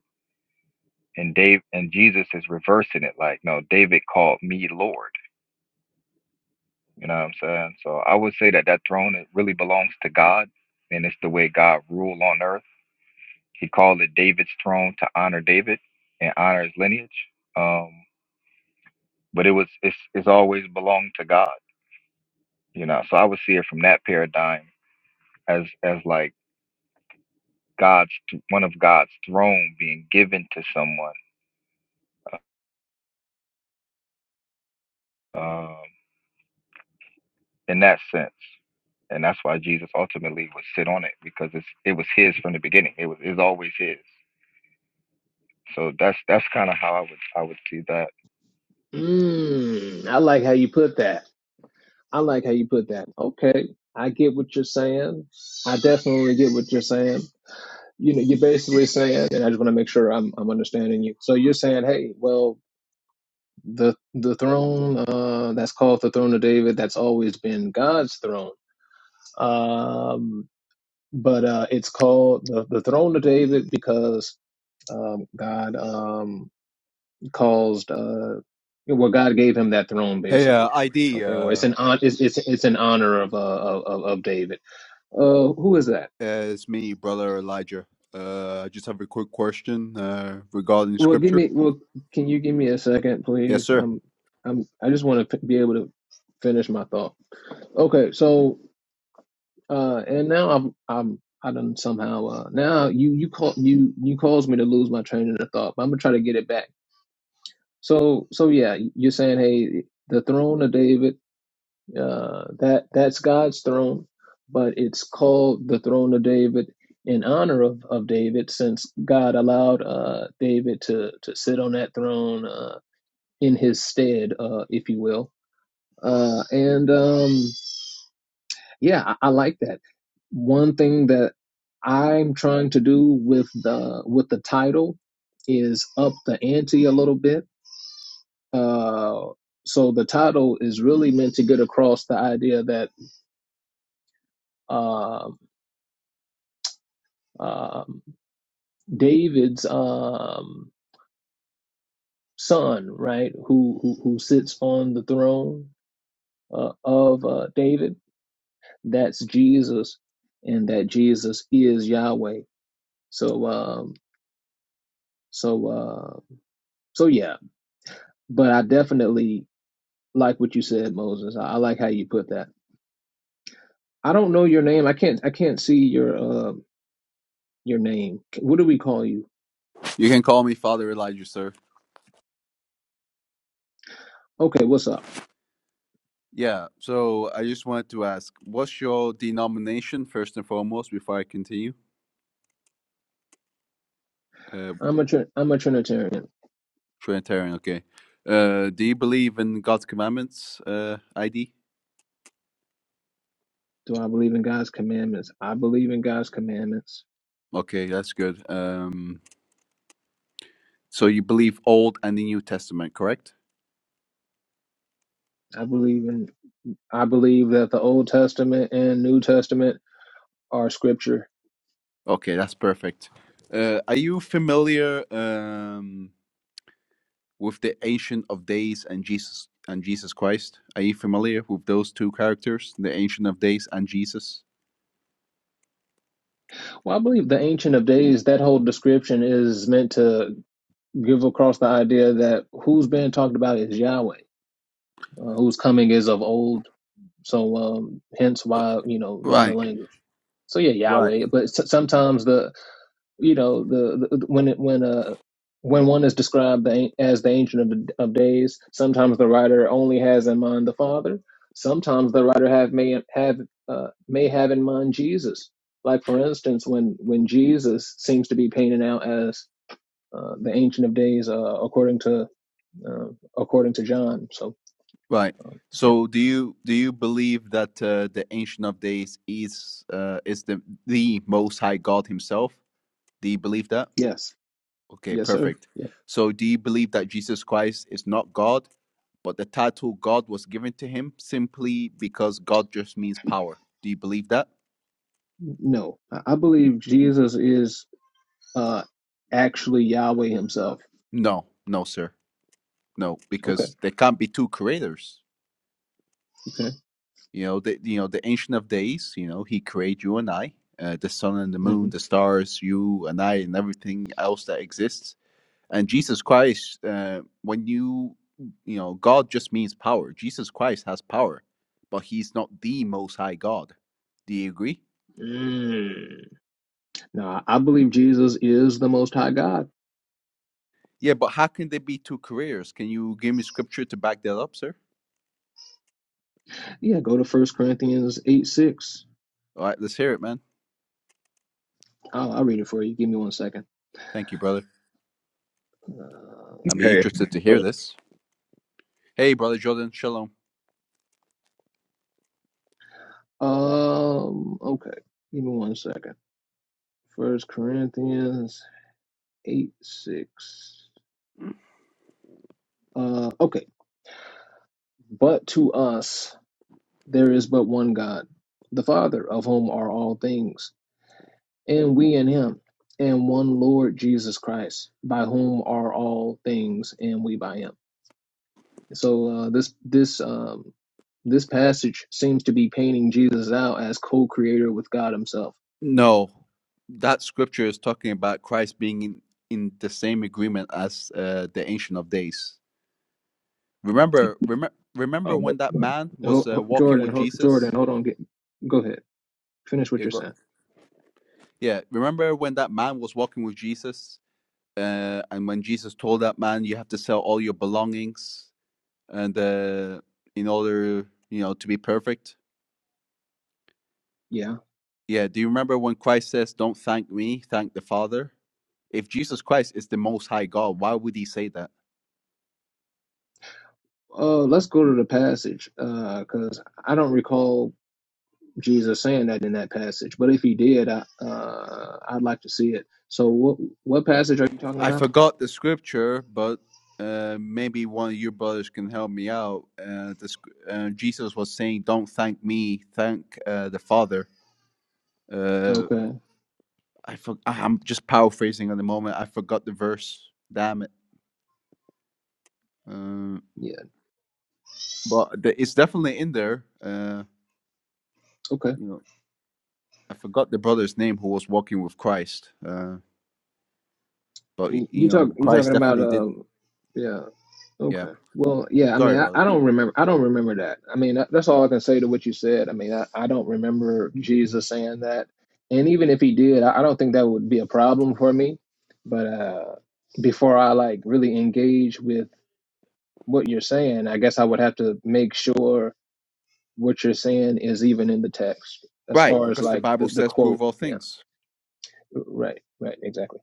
[SPEAKER 4] and Dave and Jesus is reversing it like no David called me Lord you know what I'm saying so I would say that that throne it really belongs to God and it's the way God ruled on earth he called it David's throne to honor David and honor his lineage um but it was it's it's always belonged to God you know so I would see it from that paradigm as as like God's one of God's throne being given to someone Um, in that sense. And that's why Jesus ultimately would sit on it because it's it was his from the beginning. It was is always his. So that's that's kind of how I would I would see that.
[SPEAKER 1] Mm, I like how you put that. I like how you put that. Okay, I get what you're saying. I definitely get what you're saying. You know, you're basically saying, and I just want to make sure I'm I'm understanding you. So you're saying, hey, well, the the throne uh, that's called the throne of David, that's always been God's throne. Um, but uh, it's called the, the throne of David because um, God um, caused uh, well, God gave him that throne
[SPEAKER 6] Hey, uh,
[SPEAKER 1] basically.
[SPEAKER 6] ID,
[SPEAKER 1] Okay, or it's
[SPEAKER 6] uh,
[SPEAKER 1] an on it's it's, it's an honor of uh of, of of David Uh, who is that?
[SPEAKER 6] it's me, brother Elijah. Uh, I just have a quick question uh, regarding
[SPEAKER 1] Well, give
[SPEAKER 6] scripture.
[SPEAKER 1] me. Well, can you give me a second,
[SPEAKER 6] Yes,
[SPEAKER 1] please?
[SPEAKER 6] sir.
[SPEAKER 1] I'm. I'm. I just want to be able to finish my thought. Okay. So, uh, and now I'm. I'm. I done somehow. Uh, now you. You call. You. You caused me to lose my train of thought. But I'm gonna try to get it back. So. So yeah. You're saying, hey, the throne of David. Uh, that that's God's throne, but it's called the throne of David in honor of, of David, since God allowed uh, David to to sit on that throne uh, in his stead, uh, if you will. Uh, and um, yeah, I, I like that. One thing that I'm trying to do with the with the title is up the ante a little bit. Uh, so the title is really meant to get across the idea that uh, um, David's um, son, right, who, who who sits on the throne uh, of uh, David. That's Jesus, and that Jesus is Yahweh. So um, so uh, so yeah. But I definitely like what you said, Moses. I, I like how you put that. I don't know your name. I can't I can't see your uh, your name. What do we call you?
[SPEAKER 6] You can call me Father Elijah, sir.
[SPEAKER 1] Okay, what's up?
[SPEAKER 6] Yeah, so I just wanted to ask, what's your denomination, first and foremost, before I continue? Uh,
[SPEAKER 1] I'm a Trin- I'm a Trinitarian.
[SPEAKER 6] Trinitarian, okay. Uh, do you believe in God's commandments, uh, ID?
[SPEAKER 1] Do I believe in God's commandments? I believe in God's commandments.
[SPEAKER 6] Okay, that's good. Um, so you believe Old and the New Testament, correct?
[SPEAKER 1] I believe in I believe that the Old Testament and New Testament are scripture.
[SPEAKER 6] Okay, that's perfect. Uh, are you familiar? Um, with the Ancient of Days and Jesus and Jesus Christ? Are you familiar with those two characters, the Ancient of Days and Jesus?
[SPEAKER 1] Well, I believe the Ancient of Days, that whole description is meant to give across the idea that who's being talked about is Yahweh, uh, whose coming is of old. So, um, hence why, you know, the, the
[SPEAKER 6] Right,
[SPEAKER 1] language. So, yeah,
[SPEAKER 6] right,
[SPEAKER 1] Yahweh. But sometimes the, you know the, the when it when uh when one is described the, as the ancient of, the, of days sometimes the writer only has in mind the father sometimes the writer have may have uh, may have in mind jesus like for instance when when jesus seems to be painted out as uh, the ancient of days uh, according to uh, according to john so
[SPEAKER 6] right.
[SPEAKER 1] um, yeah
[SPEAKER 6] So, do you do you believe that uh, the Ancient of Days is uh, is the the Most High God Himself? Do you believe that?
[SPEAKER 1] yes
[SPEAKER 6] Okay,
[SPEAKER 1] yes sir
[SPEAKER 6] perfect.
[SPEAKER 1] yeah
[SPEAKER 6] So, do you believe that Jesus Christ is not God, but the title God was given to him simply because God just means power? Do you believe that?
[SPEAKER 1] no i I believe jesus is uh actually yahweh himself
[SPEAKER 6] No, no, sir. No,
[SPEAKER 1] okay
[SPEAKER 6] because there can't be two creators.
[SPEAKER 1] okay
[SPEAKER 6] You know, the you know the Ancient of Days. You know, he created you and I, uh, the sun and the
[SPEAKER 1] Mm-hmm.
[SPEAKER 6] moon, the stars, you and I, and everything else that exists. And Jesus Christ, uh, when you you know, God just means power. Jesus Christ has power, but he's not the Most High God. Do you agree?
[SPEAKER 1] Mm. Now, I believe Jesus is the Most High God.
[SPEAKER 6] Yeah, but how can there be two careers? Can you give me scripture to back that up, sir?
[SPEAKER 1] Yeah, go to First Corinthians 8 6.
[SPEAKER 6] All right, let's hear it, man.
[SPEAKER 1] I'll, I'll read it for you. Give me one second.
[SPEAKER 6] Thank you, brother.
[SPEAKER 1] Uh,
[SPEAKER 6] I'd be
[SPEAKER 7] Hey,
[SPEAKER 6] interested to hear this. Hey, brother Jordan, shalom.
[SPEAKER 1] um, okay. Give me one second. First Corinthians 8 6. Uh, okay. But to us, there is but one God, the Father, of whom are all things, and we in him, and one Lord Jesus Christ, by whom are all things, and we by him. So uh, this this um, this passage seems to be painting Jesus out as co-creator with God Himself.
[SPEAKER 6] No, that scripture is talking about Christ being in, in the same agreement as uh, the Ancient of Days. Remember, remember, remember when
[SPEAKER 7] oh,
[SPEAKER 6] that
[SPEAKER 7] well,
[SPEAKER 6] man
[SPEAKER 1] Ho-
[SPEAKER 6] was uh,
[SPEAKER 1] ho-
[SPEAKER 6] walking
[SPEAKER 1] Jordan,
[SPEAKER 6] with
[SPEAKER 1] ho- Jordan,
[SPEAKER 6] Jesus.
[SPEAKER 1] hold on, get, go ahead, finish what
[SPEAKER 6] Yeah,
[SPEAKER 1] you're
[SPEAKER 6] go,
[SPEAKER 1] saying.
[SPEAKER 6] yeah. Remember when that man was walking with Jesus, uh, and when Jesus told that man, "You have to sell all your belongings, and uh, in order, you know, to be perfect."
[SPEAKER 1] Yeah.
[SPEAKER 6] Yeah. Do you remember when Christ says, "Don't thank me, thank the Father"? If Jesus Christ is the Most High God, why would He say that?
[SPEAKER 1] Uh, let's go to the passage because I don't recall Jesus saying that in that passage, but if He did, I, uh, I'd like to see it. So what what passage are you talking
[SPEAKER 6] I
[SPEAKER 1] about?
[SPEAKER 6] forgot the scripture, but uh, maybe one of your brothers can help me out. Uh, the, sc- uh, Jesus was saying, "Don't thank me, thank uh, the Father." Uh,
[SPEAKER 1] Okay.
[SPEAKER 6] I for- I- am just paraphrasing at the moment. I forgot the verse. Damn it! Uh,
[SPEAKER 1] Yeah.
[SPEAKER 6] but the, it's definitely in there. Uh,
[SPEAKER 1] Okay.
[SPEAKER 6] you know, I forgot the brother's name who was walking with Christ. Uh, but y-
[SPEAKER 1] You you
[SPEAKER 6] you
[SPEAKER 1] talk
[SPEAKER 6] know,
[SPEAKER 1] you're
[SPEAKER 6] Christ
[SPEAKER 1] talking about
[SPEAKER 6] definitely did.
[SPEAKER 1] um yeah
[SPEAKER 6] Yeah,
[SPEAKER 1] Okay. Well, yeah, I mean,
[SPEAKER 6] sorry,
[SPEAKER 1] I, I
[SPEAKER 6] brother.
[SPEAKER 1] don't remember. I don't remember that. I mean, that, that's all I can say to what you said. I mean, I, I don't remember Jesus saying that. And even if he did, I, I don't think that would be a problem for me. But uh, before I like really engage with what you're saying, I guess I would have to make sure what you're saying is even in the text as
[SPEAKER 6] Right,
[SPEAKER 1] far as
[SPEAKER 6] because the
[SPEAKER 1] like the,
[SPEAKER 6] Bible
[SPEAKER 1] the
[SPEAKER 6] says,
[SPEAKER 1] quote.
[SPEAKER 6] "Prove all
[SPEAKER 1] Yeah.
[SPEAKER 6] things."
[SPEAKER 1] Right. Right. Exactly.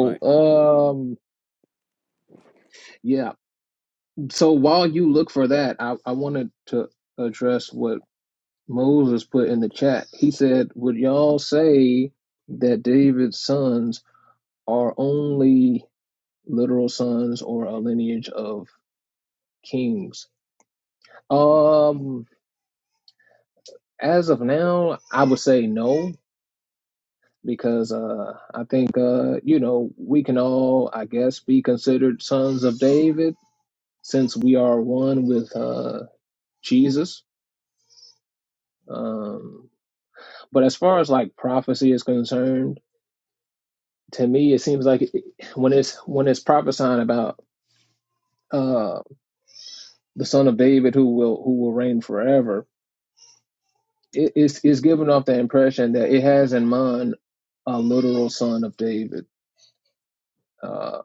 [SPEAKER 6] Right.
[SPEAKER 1] um, yeah. So while you look for that, I, I wanted to address what Moses put in the chat. He said, Would y'all say that David's sons are only literal sons or a lineage of kings? Um, as of now, I would say no, because uh I think uh, you know, we can all, I guess, be considered sons of David since we are one with uh Jesus. Um, but as far as like prophecy is concerned, to me it seems like it, when it's when it's prophesying about uh the son of david who will who will reign forever it is it's giving off the impression that it has in mind a literal son of david uh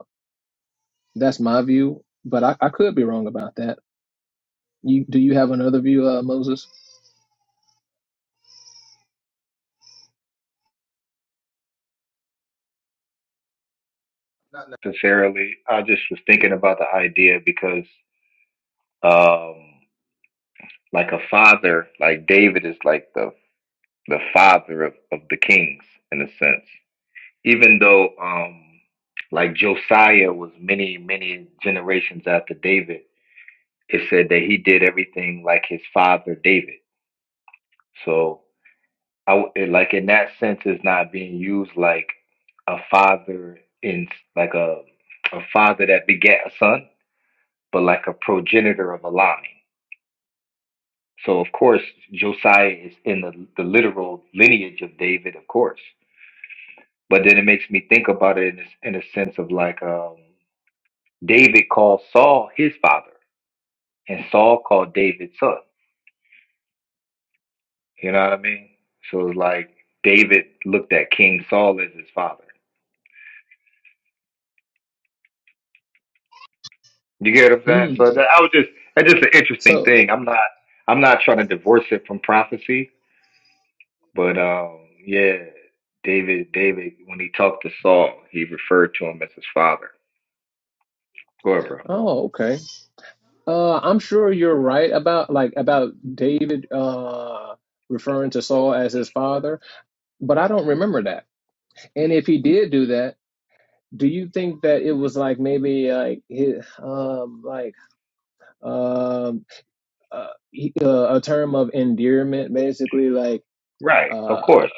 [SPEAKER 1] that's my view but i, I could be wrong about that you do you have another view uh moses
[SPEAKER 4] Not necessarily. I just was thinking about the idea because, um, like a father, like David is like the the father of, of the kings in a sense. Even though, um, like Josiah was many many generations after David, it said that he did everything like his father David. So. I w- it- like in that sense it's not being used like a father in like a a father that begat a son, but like a progenitor of a line. So of course Josiah is in the the literal lineage of David, of course. But then it makes me think about it in a, s- in a sense of like um, David called Saul his father, and Saul called David son. You know what I mean? So it's like David looked at King Saul as his father. You get what I'm saying?
[SPEAKER 1] Hmm.
[SPEAKER 4] So that I was just that's just an interesting
[SPEAKER 1] so
[SPEAKER 4] thing. I'm not I'm not trying to divorce it from prophecy, but um yeah, David David when he talked to Saul, he referred to him as his father. Go ahead, bro.
[SPEAKER 1] oh okay uh i'm sure you're right about like about david uh referring to saul as his father but i don't remember that and if he did do that do you think that it was like maybe like his, um like um uh, he- uh, a term of endearment basically like
[SPEAKER 4] Right, of
[SPEAKER 1] uh
[SPEAKER 4] course.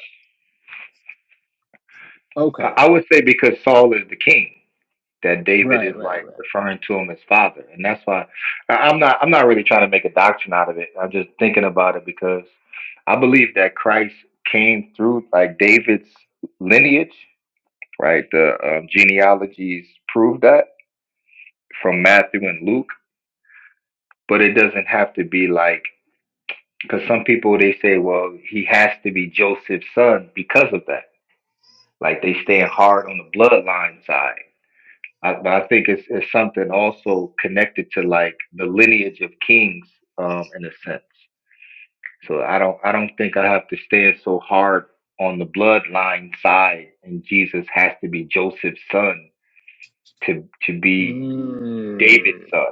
[SPEAKER 4] I,
[SPEAKER 1] okay
[SPEAKER 4] I would say because Saul is the king, that David
[SPEAKER 1] right
[SPEAKER 4] is
[SPEAKER 1] right
[SPEAKER 4] like
[SPEAKER 1] right
[SPEAKER 4] referring to him as father, and that's why I, I'm not I'm not really trying to make a doctrine out of it. I'm just thinking about it because I believe that Christ came through like David's lineage right? The um, genealogies prove that from Matthew and Luke, but it doesn't have to be like because some people they say, well, he has to be Joseph's son because of that. Like they stand hard on the bloodline side. I, but I think it's, it's something also connected to like the lineage of kings, um, in a sense. So I don't I don't think I have to stand so hard on the bloodline side, and Jesus has to be Joseph's son to to be David's
[SPEAKER 1] mm,
[SPEAKER 4] son.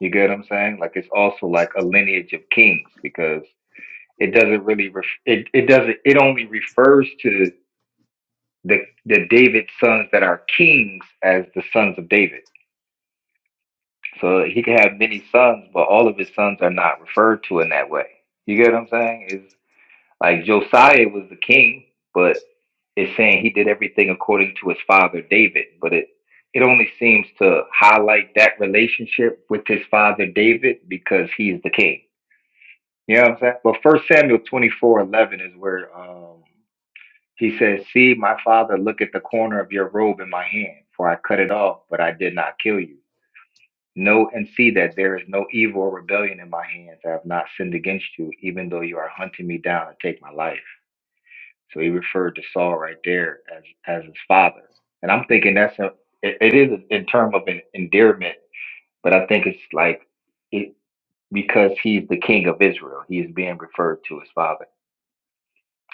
[SPEAKER 4] You get what I'm saying? Like it's also like a lineage of kings because it doesn't really ref- it it doesn't it only refers to the the David sons that are kings as the sons of David. So he could have many sons, but all of his sons are not referred to in that way. You get what I'm saying? Is like Josiah was the king, but. Is saying he did everything according to his father David, but it it only seems to highlight that relationship with his father David because he's the king. You know what I'm saying? But First Samuel twenty four eleven is where um, he says, "See, my father, look at the corner of your robe in my hand, for I cut it off, but I did not kill you. Know and see that there is no evil or rebellion in my hands. I have not sinned against you, even though you are hunting me down and take my life." So he referred to Saul right there as as his father. And I'm thinking that's a it, it is in term of an endearment, but I think it's like it because he's the king of Israel, he is being referred to as father.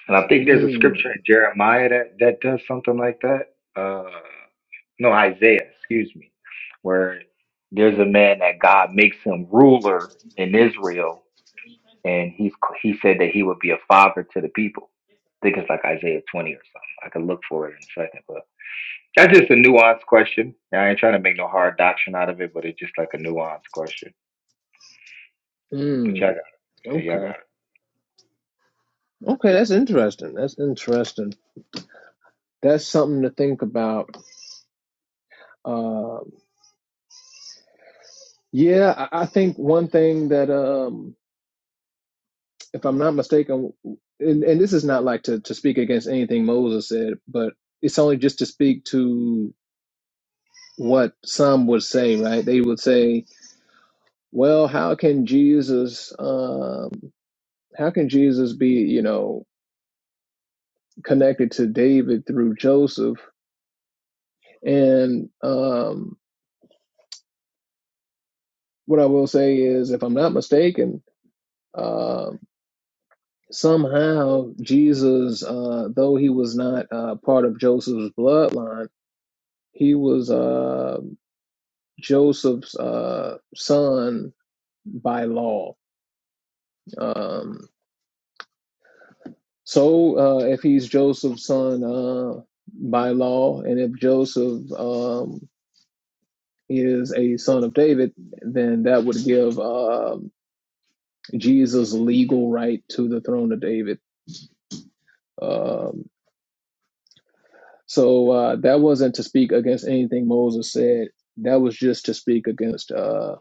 [SPEAKER 4] And I think there's a
[SPEAKER 1] mm,
[SPEAKER 4] scripture in Jeremiah that that does something like that. Uh, no, Isaiah, excuse me, where there's a man that God makes him ruler in Israel and he he said that he would be a father to the people. I think it's like Isaiah 20 or something. I could look for it in a second, but that's just a nuanced question. I ain't trying to make no hard doctrine out of it, but it's just like a nuanced question. But y'all
[SPEAKER 1] mm,
[SPEAKER 4] got it. Yeah, y'all got
[SPEAKER 1] okay
[SPEAKER 4] it.
[SPEAKER 1] okay that's interesting that's interesting that's something to think about um yeah I, I think one thing that um if I'm not mistaken, and, and this is not like to, to speak against anything Moses said, but it's only just to speak to what some would say, right? They would say, well, how can Jesus, um, how can Jesus be, you know, connected to David through Joseph? And um, what I will say is, if I'm not mistaken, um somehow Jesus, uh, though he was not uh, part of Joseph's bloodline, he was. uh, Joseph's uh, son by law. Um, so uh, if he's Joseph's son uh, by law, and if Joseph um, is a son of David, then that would give um Jesus legal right to the throne of David. Um, so uh, that wasn't to speak against anything Moses said. That was just to speak against uh,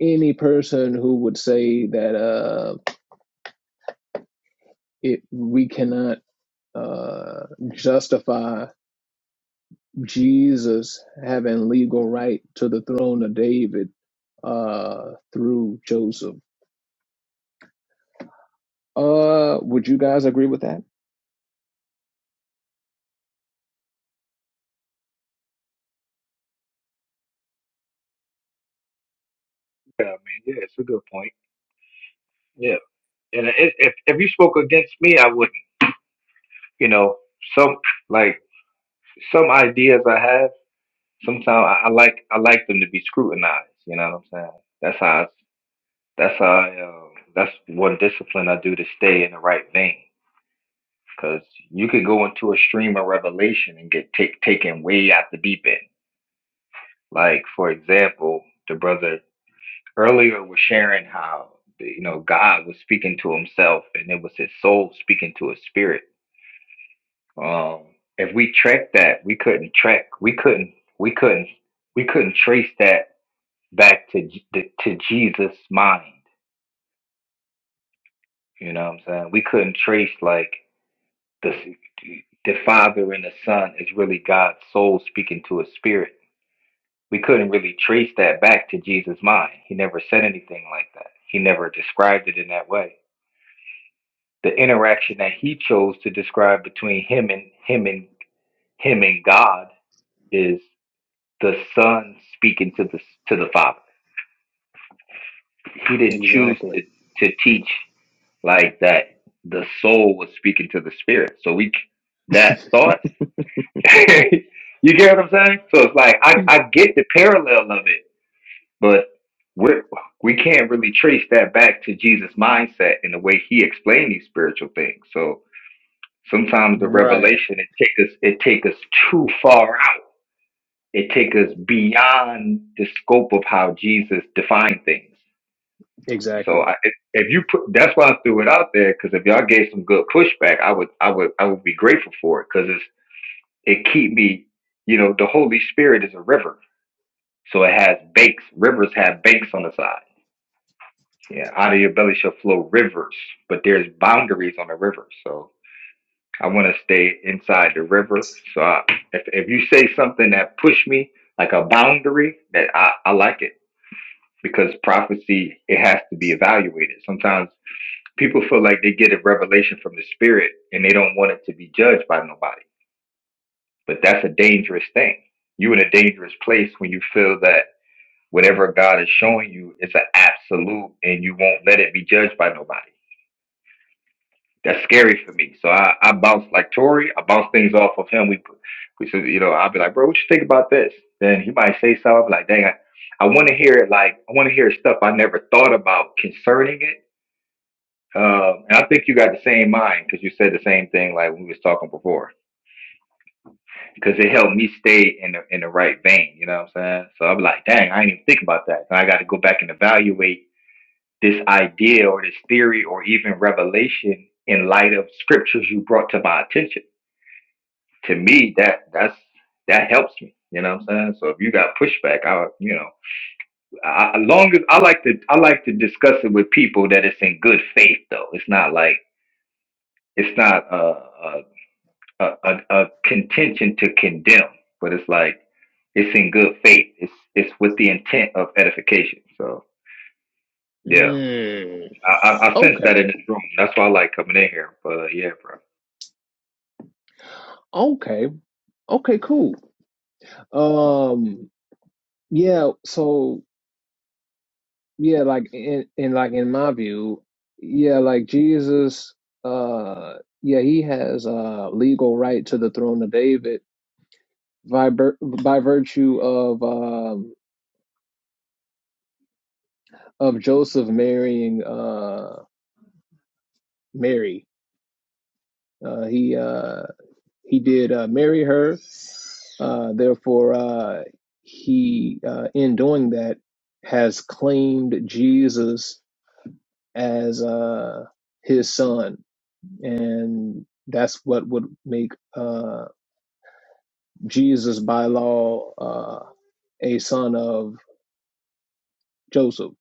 [SPEAKER 1] any person who would say that uh, it we cannot uh, justify Jesus having legal right to the throne of David uh, through Joseph. Uh, would you guys agree with that?
[SPEAKER 4] Yeah, man. Yeah, it's a good point. Yeah, and if if, if you spoke against me, I would. not You know, some like some ideas I have. Sometimes I, I like I like them to be scrutinized. You know what I'm saying? That's how. I, that's how. I, uh, that's one discipline I do to stay in the right vein. Because you could go into a stream of revelation and get take, taken way out the deep end. Like, for example, the brother earlier was sharing how, you know, God was speaking to himself and it was his soul speaking to his spirit. Um, if we track that, we couldn't track, we couldn't, we couldn't, we couldn't trace that back to, J- to Jesus' mind. You know what I'm saying? We couldn't trace like the the father and the son is really God's soul speaking to his spirit we couldn't really trace that back to Jesus' mind. He never said anything like that. He never described it in that way. The interaction that he chose to describe between him and him and him and God is the Son speaking to the to the Father. He didn't choose to
[SPEAKER 1] Exactly.
[SPEAKER 4] to teach like that. The soul was speaking to the Spirit. So we that thought. *laughs* you get what I'm saying? So it's like I I get the parallel of it But we we can't really trace that back to Jesus' mindset and the way he explained these spiritual things. So sometimes the
[SPEAKER 1] Right.
[SPEAKER 4] revelation it take us it take us too far out. It take us beyond the scope of how Jesus defined things. So
[SPEAKER 1] Exactly.
[SPEAKER 4] I, if, if you put that's why I threw it out there because if y'all gave some good pushback, I would I would I would be grateful for it because it's it keep me you know the Holy Spirit is a river, so it has banks. Rivers have banks on the side. Yeah, out of your belly shall flow rivers, but there's boundaries on the river. So I want to stay inside the river. So I, if if you say something that push me like a boundary, that I I like it because prophecy it has to be evaluated. Sometimes people feel like they get a revelation from the spirit and they don't want it to be judged by nobody. But that's a dangerous thing. You in a dangerous place when you feel that whatever God is showing you is an absolute and you won't let it be judged by nobody that's scary for me. So I, I bounce like Tori, I bounce things off of him. We, we said, you know, I'll be like, bro, what you think about this? Then he might say something I'll be like, dang, I, I want to hear it. Like, I want to hear stuff I never thought about concerning it. Um, and I think you got the same mind because you said the same thing like when we was talking before because it helped me stay in the in the right vein. You know what I'm saying? So I'm like, dang, I didn't even think about that. And I got to go back and evaluate this idea or this theory or even revelation in light of scriptures you brought to my attention. to me that that's that helps me. You know what I'm saying? So if you got pushback, I you know, I, I- long as I like to I like to discuss it with people that it's in good faith though. It's not like it's not a a a, a, a contention to condemn, but it's like it's in good faith. It's it's with the intent of edification. So yeah,
[SPEAKER 1] Mm.
[SPEAKER 4] I I, I sense that
[SPEAKER 1] Okay.
[SPEAKER 4] in this room. That's why I like coming in here. But uh, yeah, bro.
[SPEAKER 1] Okay. Okay. Cool. Um. Yeah. So yeah, like in, in like in my view, yeah, like Jesus, uh, yeah, he has uh legal right to the throne of David by vir- by virtue of um of Joseph marrying uh Mary. Uh, he uh he did uh, marry her. Uh, therefore, uh, he uh, in doing that has claimed Jesus as uh his son. and that's what would make uh, Jesus by law uh, a son of Joseph.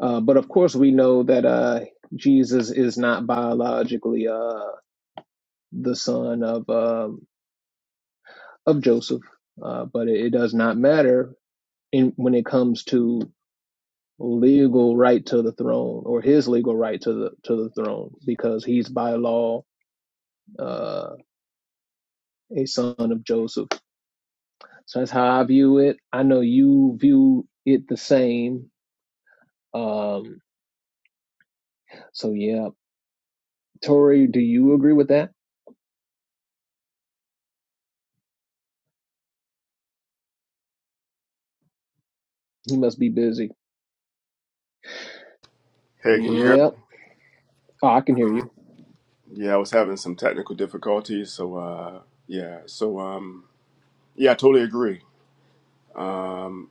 [SPEAKER 1] Uh, but of course, we know that uh, Jesus is not biologically uh, the son of um, of Joseph, uh, but it, it does not matter in when it comes to legal right to the throne or his legal right to the to the throne because he's by law uh, a son of Joseph So that's how I view it. I know you view it the same. Um, so yeah, Tori, do you agree with that? He must be busy.
[SPEAKER 5] Hey, can you hear me?
[SPEAKER 1] Yep. Oh, I can hear you.
[SPEAKER 5] yeah, I was having some technical difficulties, so uh, yeah, so um, yeah, I totally agree. Um,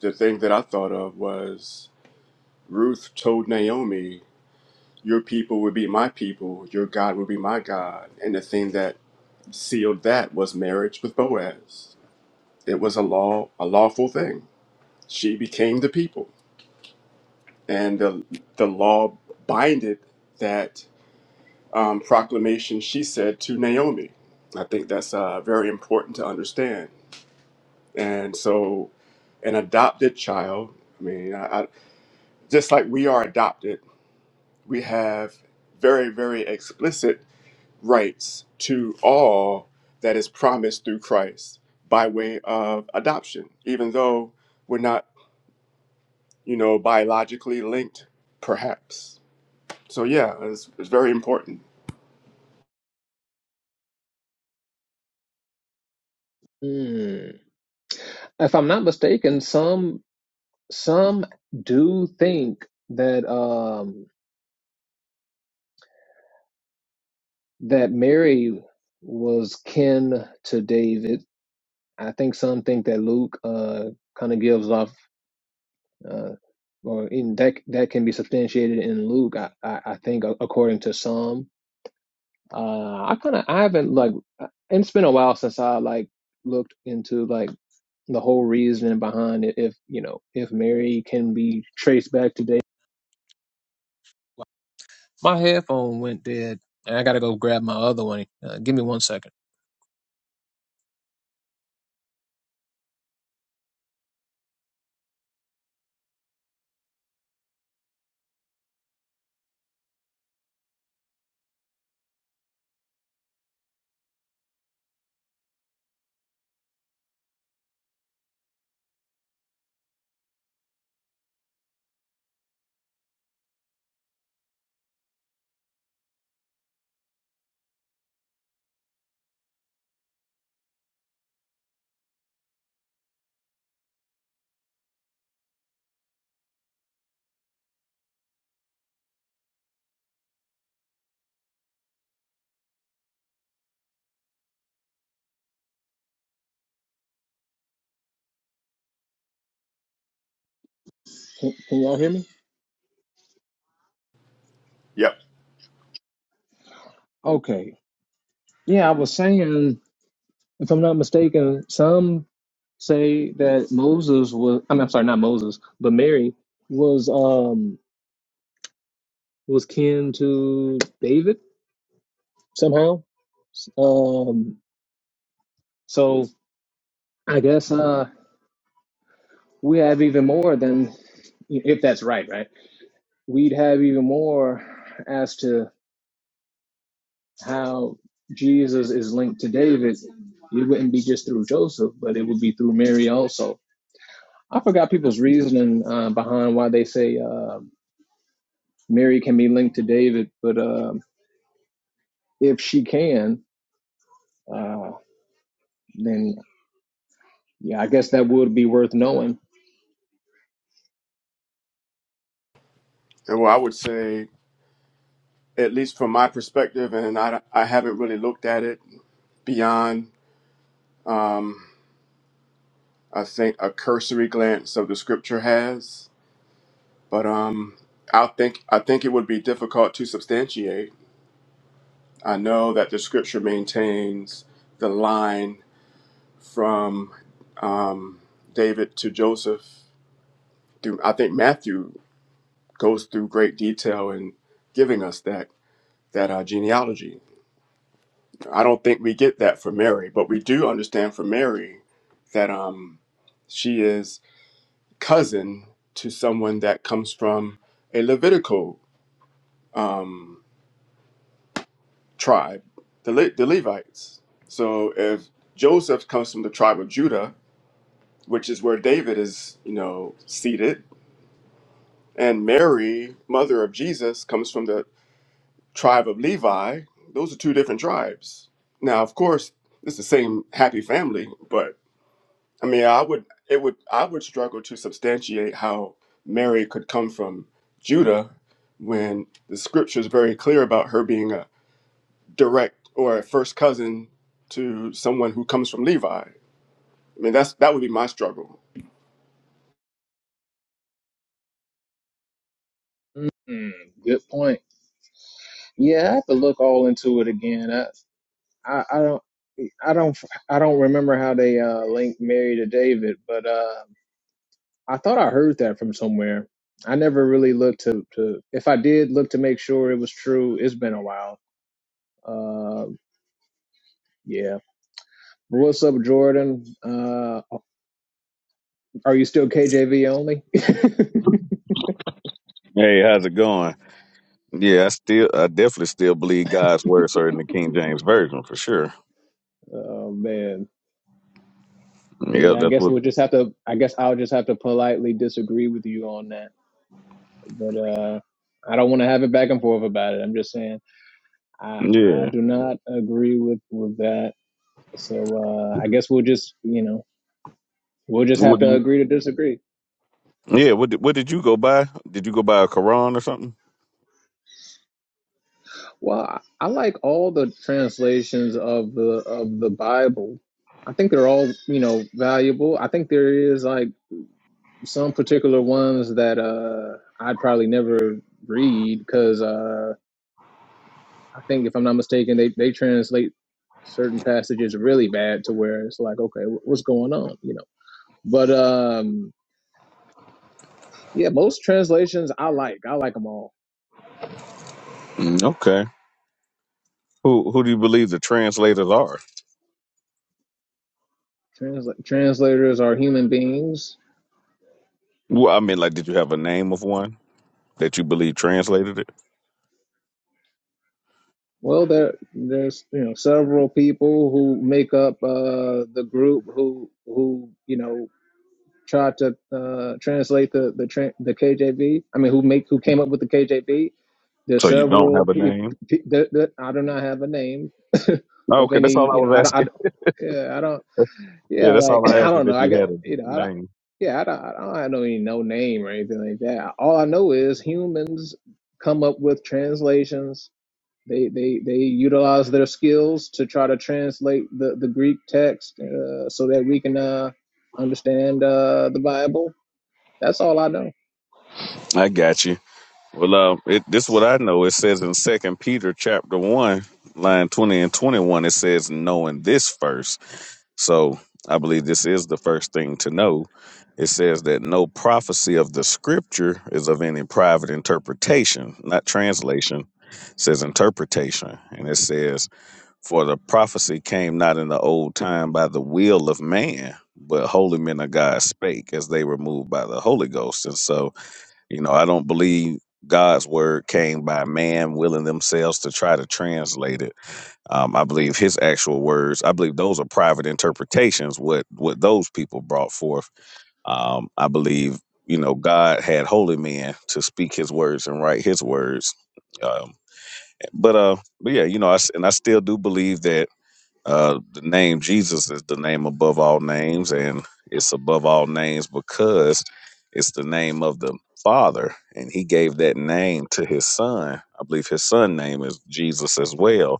[SPEAKER 5] the thing that I thought of was Ruth told Naomi, Your people will be my people, your God will be my God. And the thing that sealed that was marriage with Boaz. It was a law, a lawful thing. She became the people. And the, the law binded that um, proclamation she said to Naomi. I think that's uh, very important to understand. And so, an adopted child, I mean, I. Just like we are adopted, we have very, very explicit rights to all that is promised through Christ by way of adoption, even though we're not, you know, biologically linked, perhaps. So, yeah, it's, it's very important.
[SPEAKER 1] Hmm. If I'm not mistaken, some some do think that um that Mary was kin to David. I think some think that Luke uh kind of gives off uh or in that that can be substantiated in Luke. I I, I think a- according to some. Uh, I kind of I haven't like uh, it's been a while since I like looked into like the whole reason behind it. If you know if Mary can be traced back to David. My headphone went dead, and I gotta go grab my other one. Uh, give me one second. Can, can y'all hear me?
[SPEAKER 5] Yep.
[SPEAKER 1] Okay. Yeah, I was saying, if I'm not mistaken, some say that Moses was, I mean, I'm sorry, not Moses, but Mary was um was kin to David somehow. Um So I guess uh, we have even more than, if that's right, right? We'd have even more as to how Jesus is linked to David. It wouldn't be just through Joseph, but it would be through Mary also. I forgot people's reasoning uh, behind why they say uh, Mary can be linked to David, but um if she can, uh, then yeah, I guess that would be worth knowing.
[SPEAKER 5] And well, I would say, at least from my perspective, and I, I haven't really looked at it beyond, um, I think, a cursory glance of the scripture has. But um, I think I think it would be difficult to substantiate. I know that the scripture maintains the line from um, David to Joseph. Through I think Matthew goes through great detail in giving us that that uh, genealogy. I don't think we get that from Mary, but we do understand from Mary that um, she is cousin to someone that comes from a Levitical. Um, tribe, the, Le- the Levites. So if Joseph comes from the tribe of Judah, which is where David is, you know, seated, and Mary, mother of Jesus, comes from the tribe of Levi, those are two different tribes. Now, of course, it's the same happy family, but I mean, I would it would I would struggle to substantiate how Mary could come from Judah when the scripture is very clear about her being a direct or a first cousin to someone who comes from Levi. I mean, that's that would be my struggle.
[SPEAKER 1] Mm, good point. Yeah, I have to look all into it again. I, I, I don't, I don't, I don't remember how they uh, linked Mary to David, but uh, I thought I heard that from somewhere. I never really looked to, to if I did look to make sure it was true. It's been a while. Uh, yeah. What's up, Jordan? Uh, are you still KJV only? *laughs*
[SPEAKER 7] hey, how's it going? Yeah, I still, I definitely still believe God's word, sir, in the King James version for sure.
[SPEAKER 1] Oh man.
[SPEAKER 7] Yeah,
[SPEAKER 1] Yeah, I
[SPEAKER 7] that's
[SPEAKER 1] guess
[SPEAKER 7] what.
[SPEAKER 1] we'll just have to. I guess I'll just have to politely disagree with you on that. But uh, I don't want to have it back and forth about it. I'm just saying. I I
[SPEAKER 7] Yeah,
[SPEAKER 1] do not agree with with that. So uh, I guess we'll just you know we'll just have
[SPEAKER 7] what do
[SPEAKER 1] to
[SPEAKER 7] you?
[SPEAKER 1] agree to disagree.
[SPEAKER 7] Yeah, what did, what did you go by? Did you go by a Quran or something?
[SPEAKER 1] Well, I I like all the translations of the of the Bible. I think they're all you know valuable. I think there is like some particular ones that uh, I'd probably never read because uh, I think if I'm not mistaken, they they translate certain passages really bad to where it's like okay wh- what's going on you know but um Yeah, most translations I like. I like them all.
[SPEAKER 7] Mm, okay. Who who do you believe the translators are?
[SPEAKER 1] Transla- translators are human beings.
[SPEAKER 7] Well, I mean, like, did you have a name of one that you believe translated it?
[SPEAKER 1] Well, there there's you know several people who make up uh, the group who who you know try to uh, translate the the tran the KJV. I mean, who make who came up with the KJV? There's
[SPEAKER 7] So you don't
[SPEAKER 1] several.
[SPEAKER 7] have a
[SPEAKER 1] Pe-
[SPEAKER 7] name?
[SPEAKER 1] pe- that, that- I do not have a name *laughs*
[SPEAKER 7] No,
[SPEAKER 1] of
[SPEAKER 7] okay, that's all
[SPEAKER 1] any.
[SPEAKER 7] I
[SPEAKER 1] You know,
[SPEAKER 7] was
[SPEAKER 1] I don't. I,
[SPEAKER 7] asking.
[SPEAKER 1] yeah, I don't.
[SPEAKER 7] Yeah,
[SPEAKER 1] Yeah,
[SPEAKER 7] that's
[SPEAKER 1] like *clears throat*
[SPEAKER 7] all I
[SPEAKER 1] I
[SPEAKER 7] asked is
[SPEAKER 1] don't know.
[SPEAKER 7] if
[SPEAKER 1] I
[SPEAKER 7] you
[SPEAKER 1] got
[SPEAKER 7] had a
[SPEAKER 1] you know. I don't,
[SPEAKER 7] name.
[SPEAKER 1] yeah, I don't. I don't have no any no name or anything like that. All I know is humans come up with translations. They they they utilize their skills to try to translate the the Greek text uh, so that we can uh, understand uh, the Bible. That's all I know.
[SPEAKER 7] I got you. Well, uh, it, this is what I know. It says in Second Peter chapter one, line twenty and twenty-one. It says, "Knowing this first." So I believe this is the first thing to know. It says that no prophecy of the scripture is of any private interpretation, not translation. It says interpretation. And it says, For the prophecy came not in the old time by the will of man, but holy men of God spake as they were moved by the Holy Ghost. And so, you know, I don't believe God's word came by man willing themselves to try to translate it um, I believe his actual words. I believe those are private interpretations. What what those people brought forth. Um, I believe you know God had holy men to speak His words and write His words. Um, but uh, but yeah, you know, I s and I still do believe that uh, the name Jesus is the name above all names, and it's above all names because it's the name of the Father, and He gave that name to His Son. I believe His Son name is Jesus as well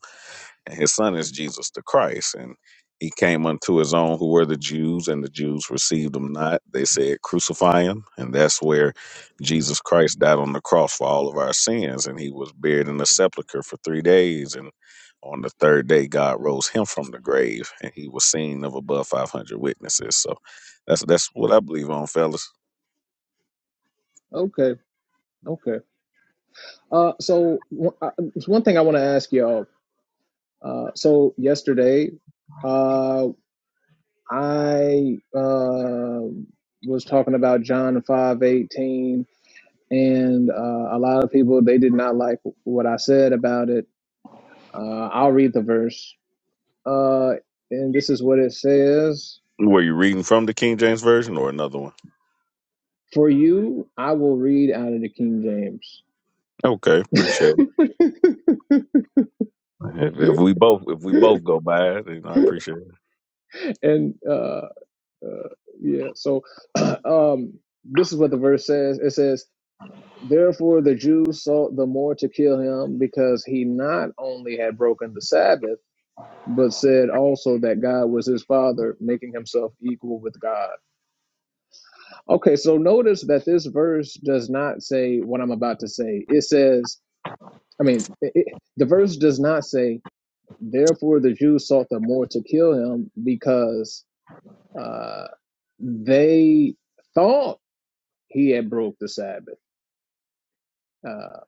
[SPEAKER 7] and his son is Jesus the Christ. And he came unto his own who were the Jews, and the Jews received him not. They said, Crucify him. And that's where Jesus Christ died on the cross for all of our sins. And he was buried in the sepulchre for three days. And on the third day, God rose him from the grave, and he was seen of above 500 witnesses. So that's that's what I believe on, fellas.
[SPEAKER 1] Okay, okay. Uh, so one uh, it's one thing I want to ask y'all. Uh, so yesterday, uh. I uh, was talking about John five eighteen, and uh, a lot of people they did not like what I said about it. Uh, I'll read the verse, uh, and this is what it says:
[SPEAKER 7] Were you reading from the King James Version or another one?
[SPEAKER 1] "For you, I will read out of the King James." *laughs*
[SPEAKER 7] Okay, appreciate it. If, if we both if we both go by it, you know, I appreciate it.
[SPEAKER 1] And uh, uh, yeah, so um, this is what the verse says. It says. Therefore, the Jews sought the more to kill him because he not only had broken the Sabbath but said also that God was his father, making himself equal with God. Okay, so notice that this verse does not say what I'm about to say. It says, I mean, it, it- the verse does not say, therefore the Jews sought the more to kill him because uh, they thought he had broke the Sabbath. Uh,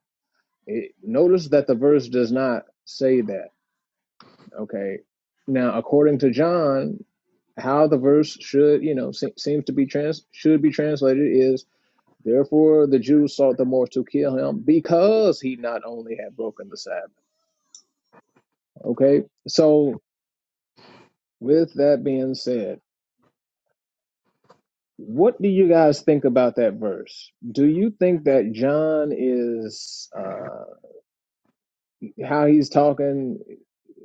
[SPEAKER 1] it, notice that the verse does not say that. Okay, now according to John. how the verse should, you know, se- seems to be trans should be translated is therefore the Jews sought the more to kill him because he not only had broken the Sabbath. Okay, so with that being said, what do you guys think about that verse? Do you think that John is uh, how he's talking?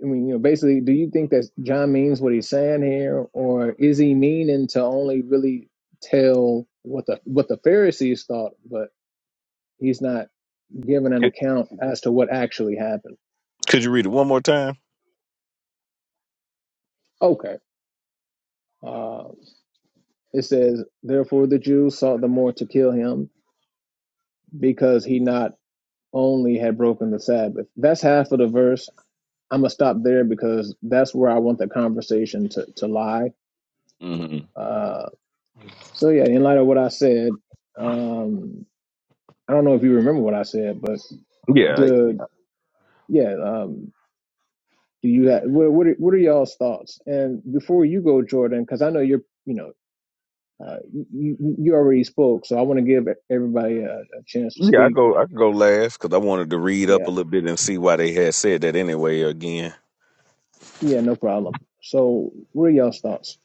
[SPEAKER 1] I mean, you know, basically, do you think that John means what he's saying here, or is he meaning to only really tell what the what the Pharisees thought, but He's not giving an account as to what actually happened.
[SPEAKER 7] Could you read it one more time?
[SPEAKER 1] Okay. Uh, it says, Therefore the Jews sought the more to kill him because he not only had broken the Sabbath. That's half of the verse. I'm going to stop there because that's where I want the conversation to, to lie.
[SPEAKER 7] hmm
[SPEAKER 1] Uh, so, yeah, in light of what I said, um, I don't know if you remember what I said, but
[SPEAKER 7] Yeah,
[SPEAKER 1] the, yeah, um, do you have, what, what, are, what are y'all's thoughts? And before you go, Jordan, because I know you're, you know, Uh, you, you already spoke, so I want to give everybody a, a chance to
[SPEAKER 7] yeah. I
[SPEAKER 1] speak.
[SPEAKER 7] go, I go last because I wanted to read up
[SPEAKER 1] Yeah,
[SPEAKER 7] a little bit and see why they had said that anyway. Again,
[SPEAKER 1] yeah, no problem. So, what are y'all's thoughts?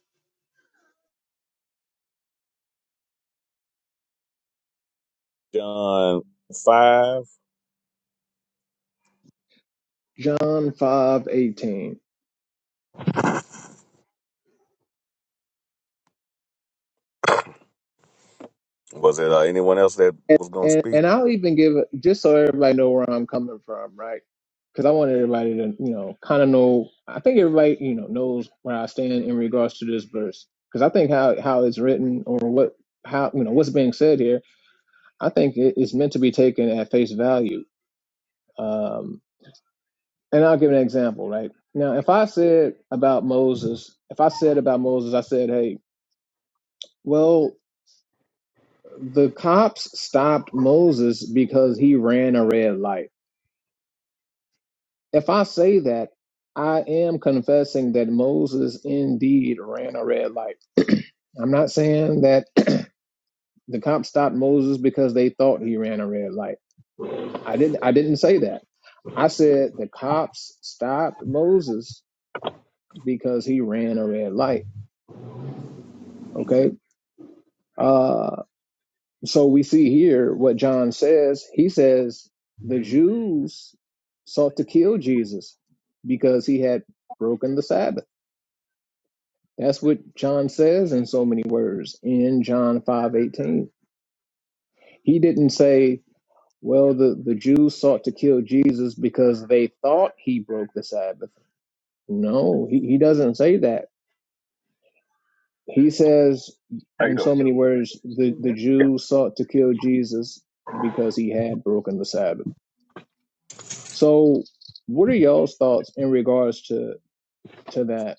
[SPEAKER 7] John five.
[SPEAKER 1] John five eighteen,
[SPEAKER 7] Was it uh, anyone else that
[SPEAKER 1] and
[SPEAKER 7] was gonna
[SPEAKER 1] and,
[SPEAKER 7] speak?
[SPEAKER 1] and I'll even give it just so everybody know where I'm coming from, right? Because I want everybody to you know kind of know. I think everybody you know knows where I stand in regards to this verse, because I think how how it's written or what how you know what's being said here, I think it's meant to be taken at face value. Um, And I'll give an example, right? Now, if I said about Moses, if I said about Moses, I said, hey, well, the cops stopped Moses because he ran a red light. If I say that, I am confessing that Moses indeed ran a red light. *clears throat* I'm not saying that *clears throat* the cops stopped Moses because they thought he ran a red light. I didn't I didn't say that. I said the cops stopped Moses because he ran a red light. Okay? Uh So we see here what John says. He says the Jews sought to kill Jesus because he had broken the Sabbath. That's what John says in so many words in John 5:18. He didn't say, well, the, the Jews sought to kill Jesus because they thought he broke the Sabbath. No, he, he doesn't say that. He says
[SPEAKER 7] How you
[SPEAKER 1] in
[SPEAKER 7] doing?
[SPEAKER 1] so many words, the, the Jews sought to kill Jesus because he had broken the Sabbath. So, what are y'all's thoughts in regards to to that?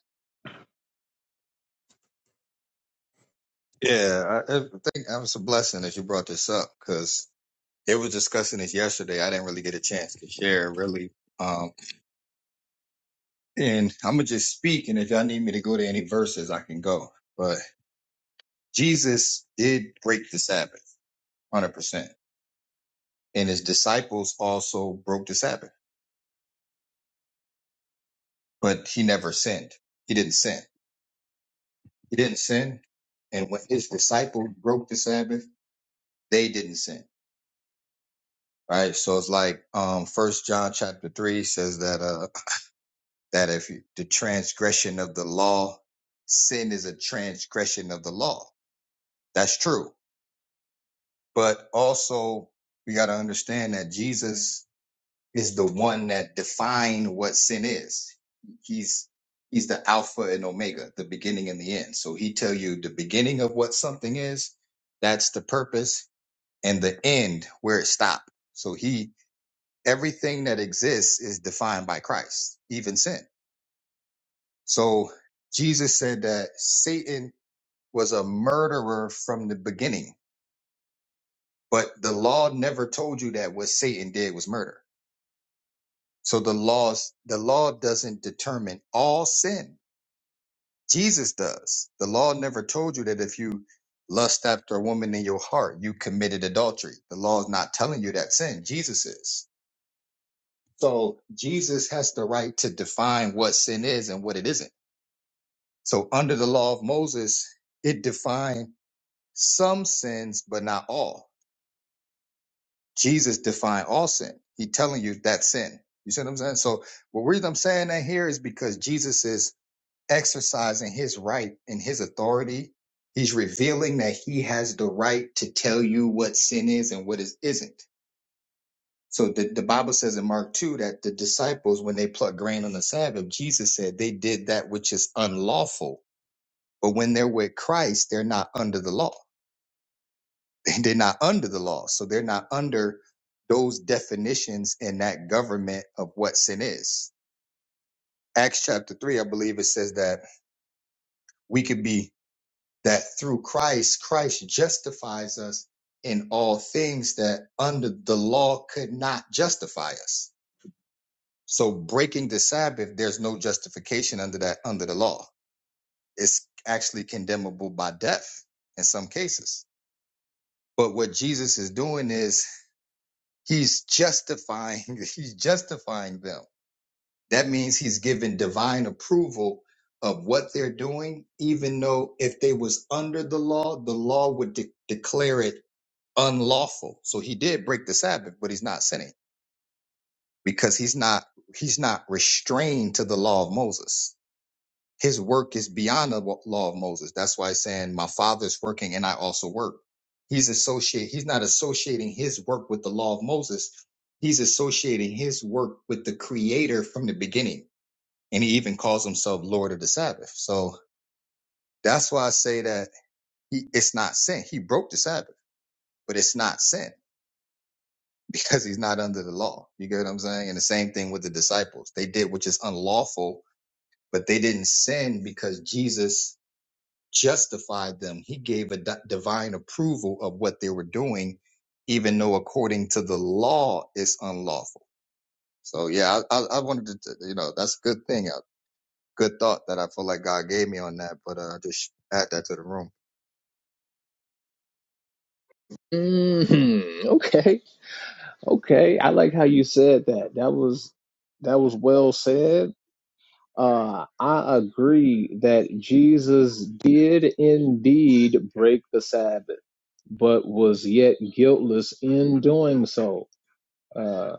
[SPEAKER 1] Mm, okay, okay. I like how you said that. That was that was well said. Uh, I agree that Jesus did indeed break the Sabbath, but was yet guiltless in doing so. Uh,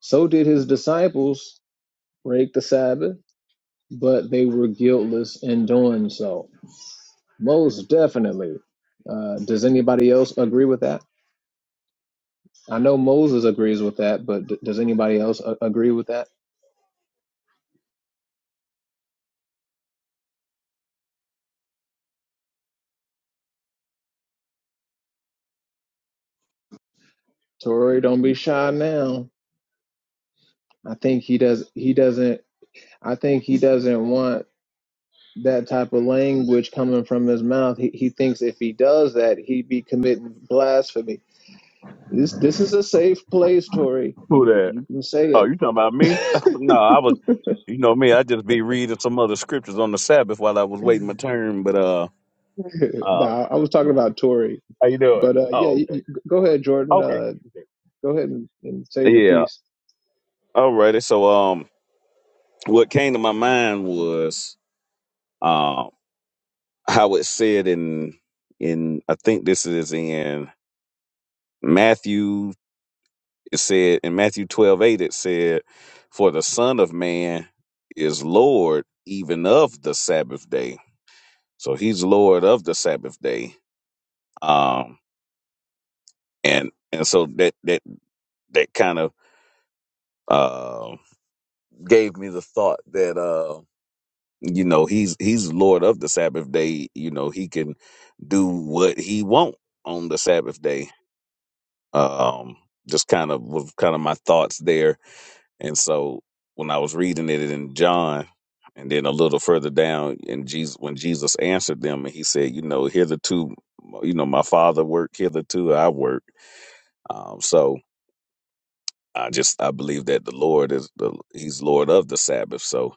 [SPEAKER 1] so did his disciples break the Sabbath, but they were guiltless in doing so. Most definitely. Uh, does anybody else agree with that? I know Moses agrees with that, but d- does anybody else a- agree with that? Tori, don't be shy now. I think he does. He doesn't. I think he doesn't want that type of language coming from his mouth. He, he thinks if he does that, he'd be committing blasphemy. This this is a safe place, Tori.
[SPEAKER 7] Who
[SPEAKER 1] You
[SPEAKER 7] that?
[SPEAKER 1] you can
[SPEAKER 7] Oh,
[SPEAKER 1] say
[SPEAKER 7] you talking about me? *laughs*
[SPEAKER 1] it.
[SPEAKER 7] no, I was. You know me. I just be reading some other scriptures on the Sabbath while I was waiting my turn. But uh,
[SPEAKER 1] *laughs*
[SPEAKER 7] uh
[SPEAKER 1] no, I was talking about Tori,
[SPEAKER 7] how you doing?
[SPEAKER 1] but uh, yeah,
[SPEAKER 7] Oh,
[SPEAKER 1] you,
[SPEAKER 7] okay,
[SPEAKER 1] you- go ahead, Jordan.
[SPEAKER 7] okay. okay.
[SPEAKER 1] Uh, go ahead and, and say your
[SPEAKER 7] Yeah.
[SPEAKER 1] piece.
[SPEAKER 7] Alrighty. So um, what came to my mind was um. how it said in in I think this is in Matthew it said in Matthew twelve eight it said, For the Son of Man is Lord even of the Sabbath day. So he's Lord of the Sabbath day. Um and and so that that that kind of uh gave me the thought that uh you know he's he's Lord of the Sabbath day, you know, he can do what he wants on the Sabbath day um just kind of was kind of my thoughts there and so when i was reading it in john and then a little further down in jesus when jesus answered them and he said you know hitherto you know my father worked hitherto i work um so i just i believe that the lord is the he's lord of the sabbath so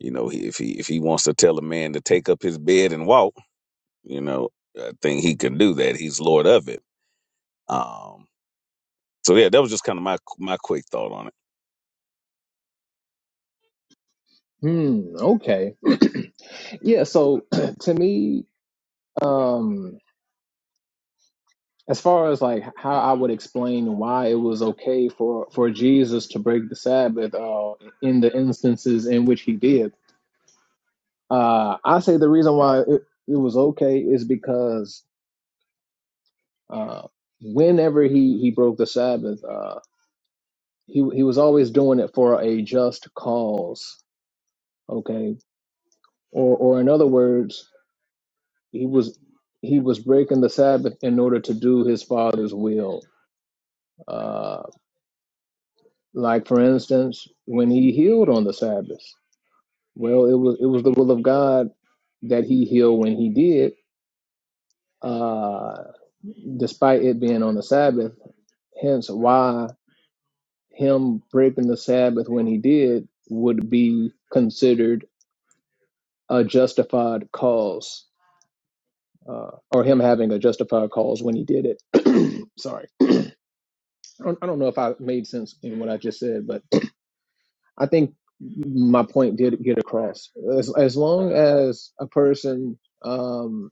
[SPEAKER 7] you know he, if he if he wants to tell a man to take up his bed and walk you know i think he can do that he's lord of it um so yeah that was just kind of my my quick thought on it
[SPEAKER 1] Hmm. Okay. yeah. So *clears throat* to me, um, as far as like how I would explain why it was okay for for Jesus to break the Sabbath, uh, in the instances in which he did, uh, I say the reason why it, it was okay is because Uh, whenever he he broke the Sabbath, uh, he he was always doing it for a just cause. Okay, or or in other words, he was he was breaking the Sabbath in order to do his father's will. Uh, like for instance, when he healed on the Sabbath, well, it was it was the will of God that he healed when he did, uh, despite it being on the Sabbath. Hence, why. him breaking the Sabbath when he did would be considered a justified cause, uh, or him having a justified cause when he did it. Sorry, I don't, I don't know if I made sense in what I just said, but I think my point did get across. As, as long as a person, um,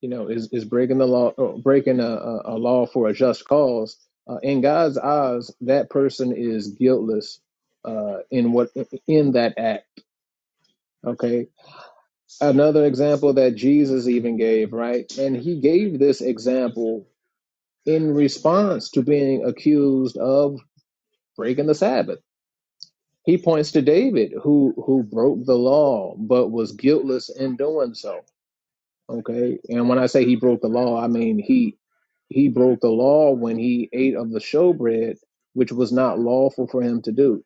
[SPEAKER 1] you know, is, is breaking the law, or breaking a, a a law for a just cause, uh, in God's eyes, that person is guiltless uh, in what in that act. Okay, another example that Jesus even gave, right? And he gave this example in response to being accused of breaking the Sabbath. He points to David who who broke the law but was guiltless in doing so. Okay? And when I say he broke the law, I mean he he broke the law when he ate of the showbread which was not lawful for him to do.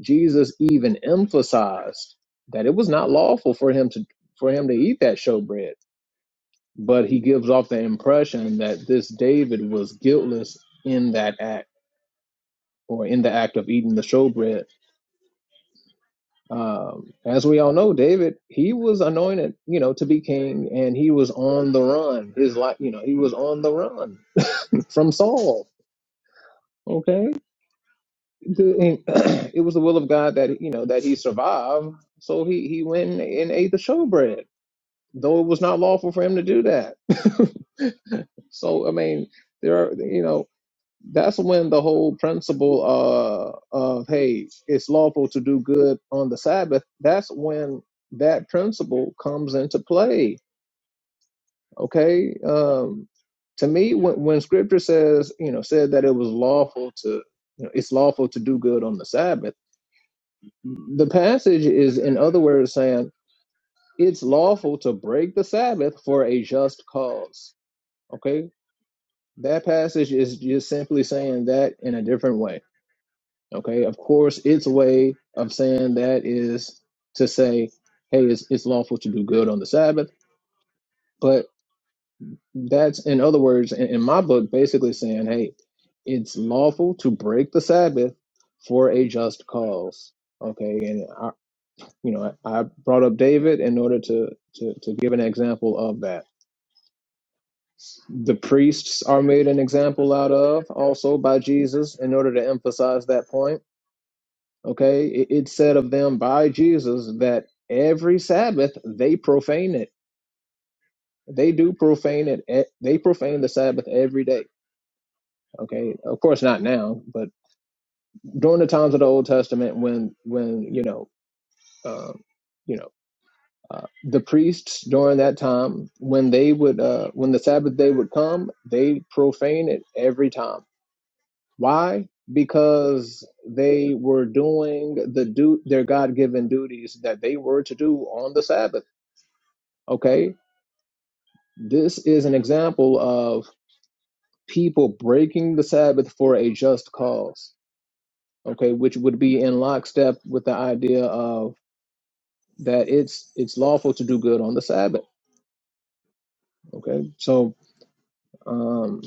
[SPEAKER 1] Jesus even emphasized that it was not lawful for him to for him to eat that showbread but he gives off the impression that this David was guiltless in that act or in the act of eating the showbread. Um, as we all know, David he was anointed, you know, to be king, and he was on the run. His life, you know, he was on the run from Saul. Okay, The- and *clears throat* it was the will of God that you know that he survived, so he he went and ate the showbread, though it was not lawful for him to do that. *laughs* so I mean, there are you know that's when the whole principle uh, of hey it's lawful to do good on the sabbath that's when that principle comes into play okay um, to me when, when scripture says you know said that it was lawful to you know it's lawful to do good on the sabbath the passage is in other words saying it's lawful to break the sabbath for a just cause okay that passage is just simply saying that in a different way Okay, of course, its way of saying that is to say, hey, it's, it's lawful to do good on the Sabbath. But that's, in other words, in, in my book, basically saying, hey, it's lawful to break the Sabbath for a just cause. Okay, and I, you know, I, I brought up David in order to, to to give an example of that. The priests are made an example out of also by Jesus in order to emphasize that point Okay, it, it said of them by Jesus that every Sabbath they profane it. They do profane it. e- They profane the Sabbath every day. Okay, of course not now, but during the times of the Old Testament, when when you know, uh, you know, uh, the priests during that time when they would uh, when the Sabbath day would come, they profane it every time. Why? Because they were doing the do their God given duties that they were to do on the Sabbath Okay, this is an example of people breaking the Sabbath for a just cause. Okay, which would be in lockstep with the idea of that it's it's lawful to do good on the Sabbath. Okay, so um,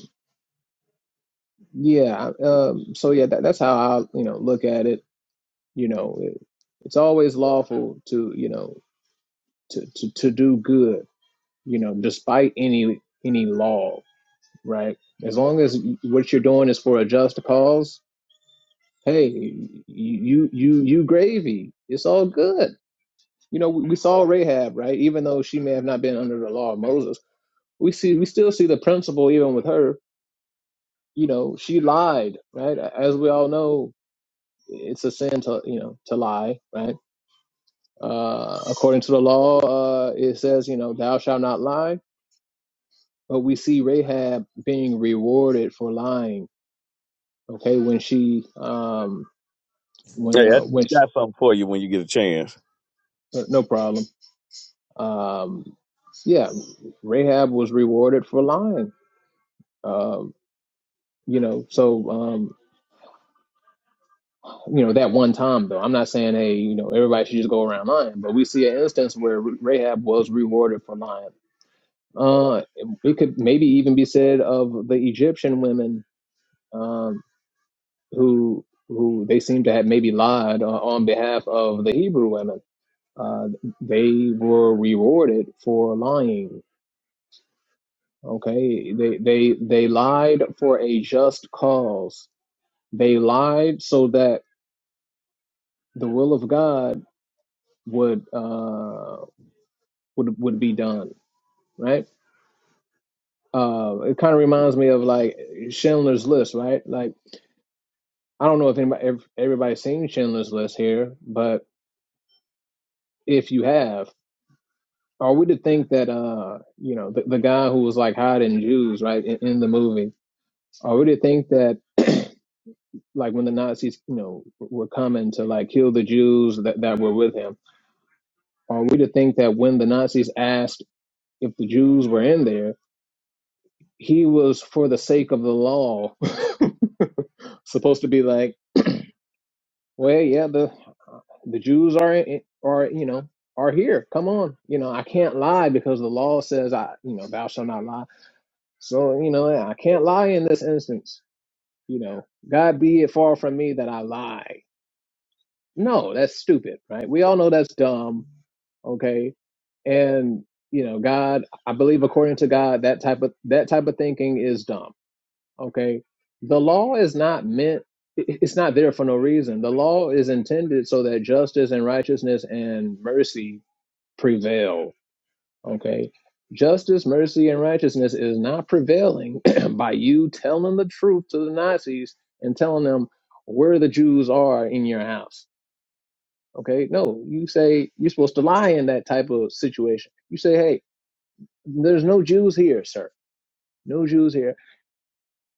[SPEAKER 1] yeah, I- um, so yeah, that, that's how I you know look at it. You know, it, it's always lawful to you know to, to to do good. You know, despite any any law, right? As long as what you're doing is for a just cause, hey, you you you gravy. It's all good. You know, we, we saw Rahab, right? Even though she may have not been under the law of Moses, we see we still see the principle even with her. You know, she lied, right? As we all know, it's a sin to you know to lie, right? Uh, according to the law, uh, it says you know thou shalt not lie. But we see Rahab being rewarded for lying. Okay, when she um
[SPEAKER 7] Hey,
[SPEAKER 1] when
[SPEAKER 7] I
[SPEAKER 1] uh, when she,
[SPEAKER 7] got something for you when you get a chance.
[SPEAKER 1] uh, no problem Um, yeah, Rahab was rewarded for lying. Um, you know, so um, you know that one time though. I'm not saying hey, you know, everybody should just go around lying, but we see an instance where Rahab was rewarded for lying. Uh, it could maybe even be said of the Egyptian women um, who who they seem to have maybe lied uh, on behalf of the Hebrew women. Uh, they were rewarded for lying Okay, they they they lied for a just cause. They lied so that the will of God would uh would would be done, right? Uh, it kind of reminds me of like Schindler's List, right? Like I don't know if anybody if everybody's seen Schindler's List here, but if you have, are we to think that uh you know the, the guy who was like hiding Jews, right, in, in the movie, are we to think that *clears throat* like when the Nazis, you know, were coming to like kill the Jews that, that were with him, are we to think that when the Nazis asked if the Jews were in there, he was for the sake of the law *laughs* supposed to be like, well, yeah, the the Jews are in- are you know are here. Come on, you know, I can't lie because the law says I, you know, thou shalt not lie. So you know, I can't lie in this instance. You know, God be it far from me that I lie No, that's stupid, right? We all know that's dumb, okay? And you know, God, I believe according to God, that type of that type of thinking is dumb, okay? The law is not meant it- it's not there for no reason. The law is intended so that justice and righteousness and mercy prevail, okay? Justice, mercy, and righteousness is not prevailing *clears throat* by you telling the truth to the Nazis and telling them where the Jews are in your house Okay, no, you say you're supposed to lie in that type of situation. You say, hey, there's no Jews here, sir. No Jews here,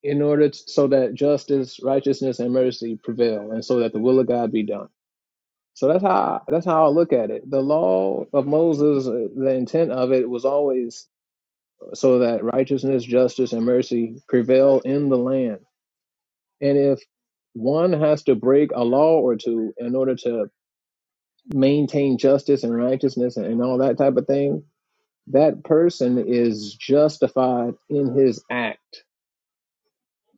[SPEAKER 1] in order t- so that justice, righteousness, and mercy prevail, and so that the will of God be done. So that's how that's how I look at it. The law of Moses, uh, the intent of it was always so that righteousness, justice, and mercy prevail in the land. And if one has to break a law or two in order to maintain justice and righteousness and and all that type of thing, that person is justified in his act.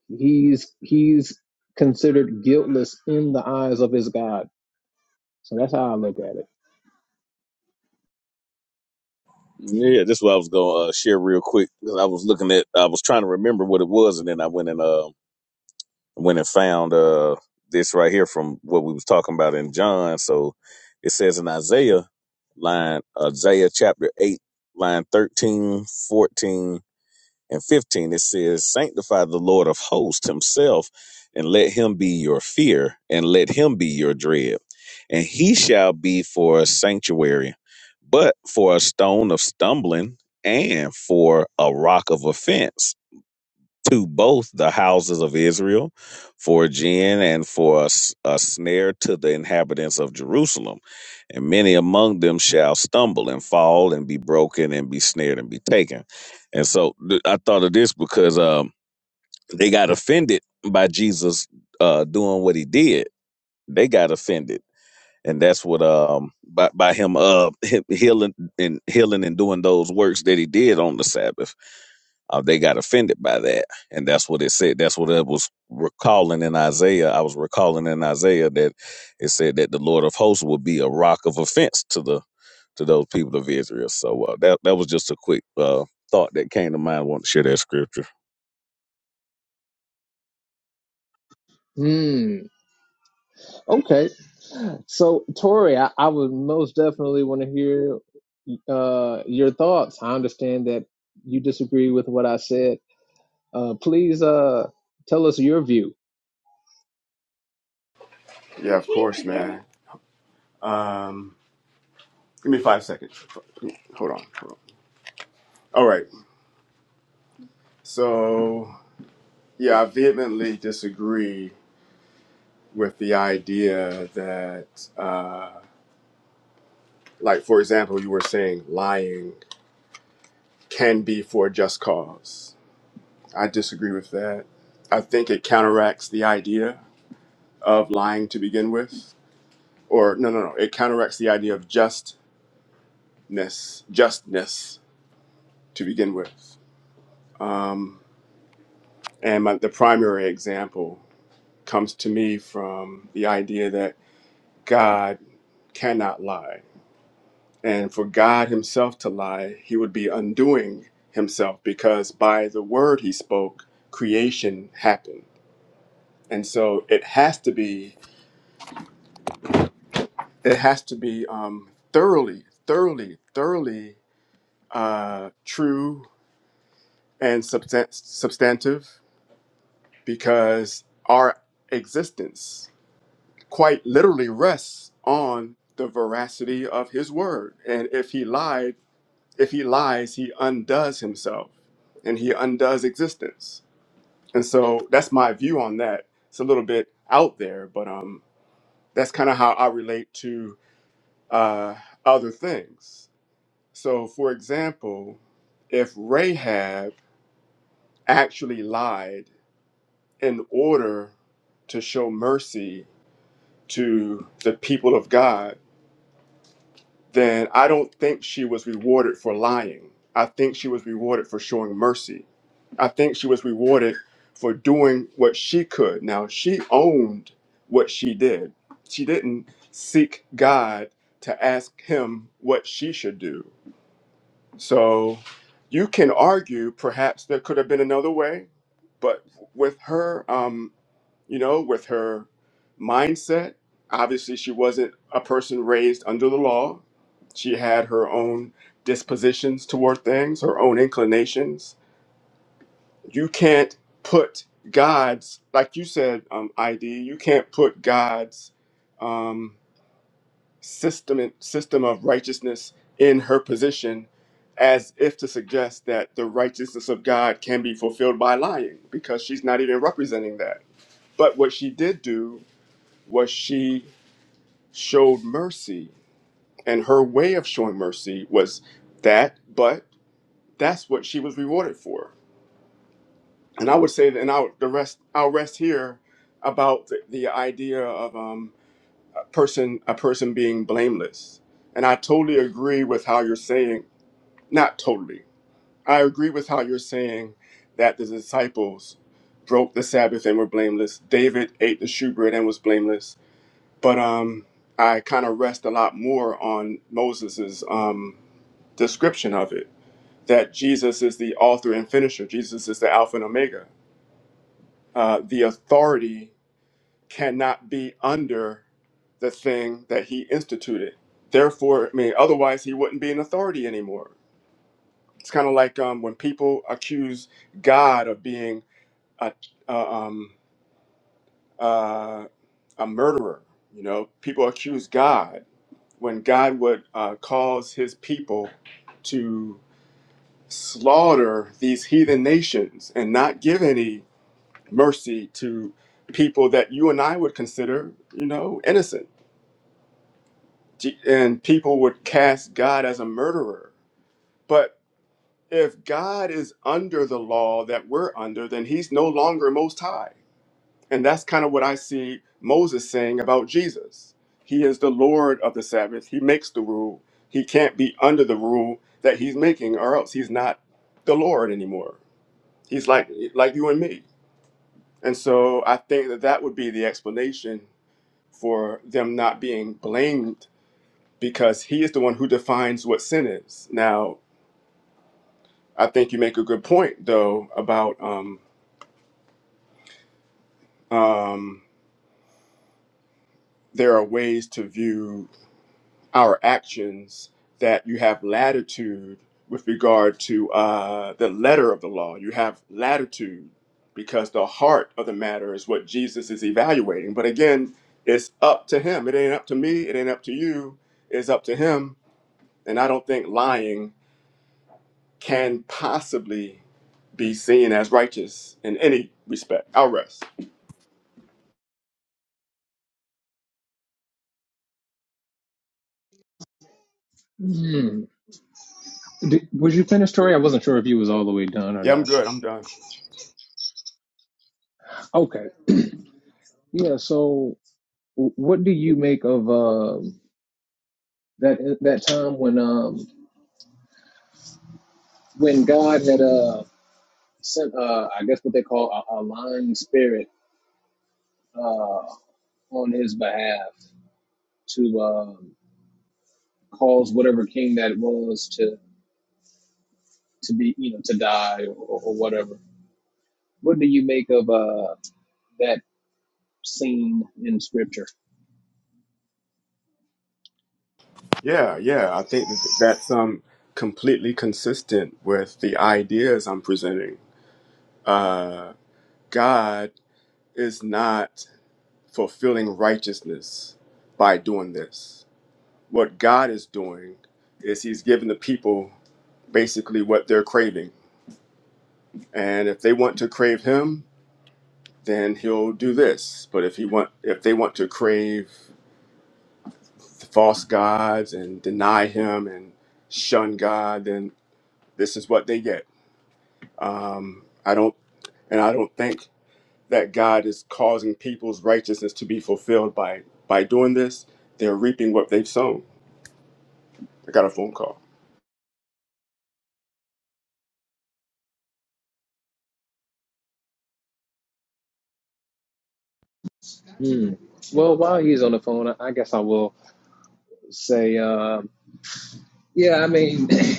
[SPEAKER 1] He's he's considered guiltless in the eyes of his God. So that's how I look at it.
[SPEAKER 7] Yeah, this is what I was gonna uh, share real quick. 'cause I was looking at, I was trying to remember what it was, and then I went and uh, went and found uh, this right here from what we was talking about in John. So it says in Isaiah line, Isaiah chapter eight, line 13, 14. and 15 it says sanctify the lord of hosts himself and let him be your fear and let him be your dread and he shall be for a sanctuary but for a stone of stumbling and for a rock of offense to both the houses of Israel for a gin and for a, s- a snare to the inhabitants of Jerusalem. And many among them shall stumble and fall and be broken and be snared and be taken. And so th- I thought of this because um, they got offended by Jesus uh, doing what he did. They got offended. And that's what um by, by him uh he- healing and healing and doing those works that he did on the Sabbath uh, they got offended by that. And that's what it said. That's what I was recalling in Isaiah. I was recalling in Isaiah that it said that the Lord of hosts would be a rock of offense to the to those people of Israel. So uh, that that was just a quick uh, thought that came to mind. I want to share that scripture.
[SPEAKER 1] Hmm. Okay. So Tori, I, I would most definitely want to hear uh, your thoughts. I understand that you disagree with what I said. Uh, please uh, tell us your view.
[SPEAKER 5] Yeah, of course, man. Um, give me five seconds. Hold on. Hold on. All right. So yeah, I vehemently disagree with the idea that, uh, like for example, you were saying lying can be for a just cause. I disagree with that. I think it counteracts the idea of lying to begin with. or no, no, no. It counteracts the idea of justness, justness to begin with. Um, and my, the primary example comes to me from the idea that God cannot lie, and for God Himself to lie, He would be undoing Himself because by the word He spoke, creation happened, and so it has to be, it has to be um, thoroughly, thoroughly, thoroughly uh, true and substan- substantive because our existence quite literally rests on the veracity of his word and if he lied if he lies he undoes himself and he undoes existence and so that's my view on that it's a little bit out there but um that's kind of how i relate to uh other things so for example if rahab actually lied in order to show mercy to the people of God, then I don't think she was rewarded for lying. I think she was rewarded for showing mercy. I think she was rewarded for doing what she could. Now, she owned what she did. She didn't seek God to ask him what she should do. So you can argue perhaps there could have been another way, but with her, um, you know, with her mindset. Obviously, she wasn't a person raised under the law. She had her own dispositions toward things, her own inclinations. You can't put God's, like you said, um, ID, you can't put God's um, system, system of righteousness in her position as if to suggest that the righteousness of God can be fulfilled by lying, because she's not even representing that. But what she did do was she showed mercy. And her way of showing mercy was that, but that's what she was rewarded for. And I would say that, and I'll, the rest, I'll rest here about the, the idea of um, a person, a person being blameless. And I totally agree with how you're saying, not totally, I agree with how you're saying that the disciples broke the Sabbath and were blameless. David ate the shewbread and was blameless. but um, I kind of rest a lot more on Moses's um, description of it that Jesus is the author and finisher, Jesus is the Alpha and Omega. Uh, the authority cannot be under the thing that he instituted. Therefore, I mean, otherwise he wouldn't be an authority anymore. It's kind of like um, when people accuse God of being a, uh, um, uh, a murderer. You know, people accuse God when God would uh, cause his people to slaughter these heathen nations and not give any mercy to people that you and I would consider, you know, innocent. G- And people would cast God as a murderer. But if God is under the law that we're under, then he's no longer most high And that's kind of what I see Moses saying about Jesus. He is the Lord of the Sabbath. He makes the rule. He can't be under the rule that he's making, or else he's not the Lord anymore. He's like like you and me. And so I think that that would be the explanation for them not being blamed because he is the one who defines what sin is. Now, I think you make a good point though about um, um, there are ways to view our actions that you have latitude with regard to uh, the letter of the law. You have latitude because the heart of the matter is what Jesus is evaluating. But again, it's up to him. It ain't up to me. It ain't up to you. It's up to him. And I don't think lying can possibly be seen as righteous in any respect. I'll rest.
[SPEAKER 1] Hmm. Did, was you finished, Tori? I wasn't sure if you was all the way done or
[SPEAKER 5] Yeah, I'm
[SPEAKER 1] not.
[SPEAKER 5] good. I'm done.
[SPEAKER 1] Okay. Yeah. So w- what do you make of um, that that time when um, when God had uh, sent uh, I guess what they call a, a lying spirit uh, on his behalf to um, cause whatever king that was to to be you know to die or, or whatever. What do you make of uh, that scene in Scripture?
[SPEAKER 5] Yeah, yeah. I think that that's um, completely consistent with the ideas I'm presenting uh, God is not fulfilling righteousness by doing this. What God is doing is He's giving the people basically what they're craving, and if they want to crave Him, then He'll do this. But if He want, if they want to crave false gods and deny Him and shun God, then this is what they get. Um, I don't, and I don't think. that God is causing people's righteousness to be fulfilled by by doing this. They're reaping what they've sown. I got a phone call.
[SPEAKER 1] Hmm. Well, while he's on the phone, I I guess I will say, um yeah, I mean, *clears throat* I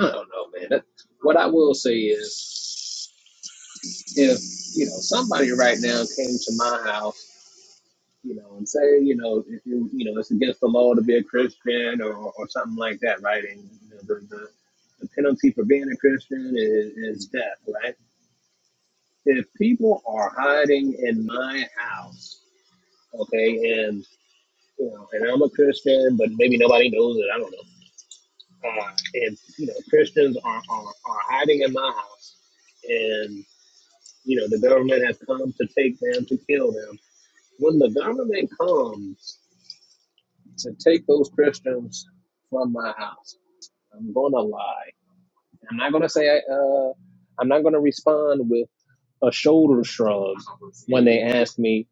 [SPEAKER 1] don't know, man. That, what I will if you know somebody right now came to my house, you know, and say, you know, if you you know it's against the law to be a Christian or, or something like that, right? And you know, the, the the penalty for being a Christian is, is death, right? If people are hiding in my house, okay, and you know, and I'm a Christian, but maybe nobody knows it. I don't know. Uh, and you know, Christians are, are are hiding in my house, and you know, the government has come to take them to kill them When the government comes to take those Christians from my house, I'm going to lie. I'm not going to say, uh, I'm not going to respond with a shoulder shrug when they ask me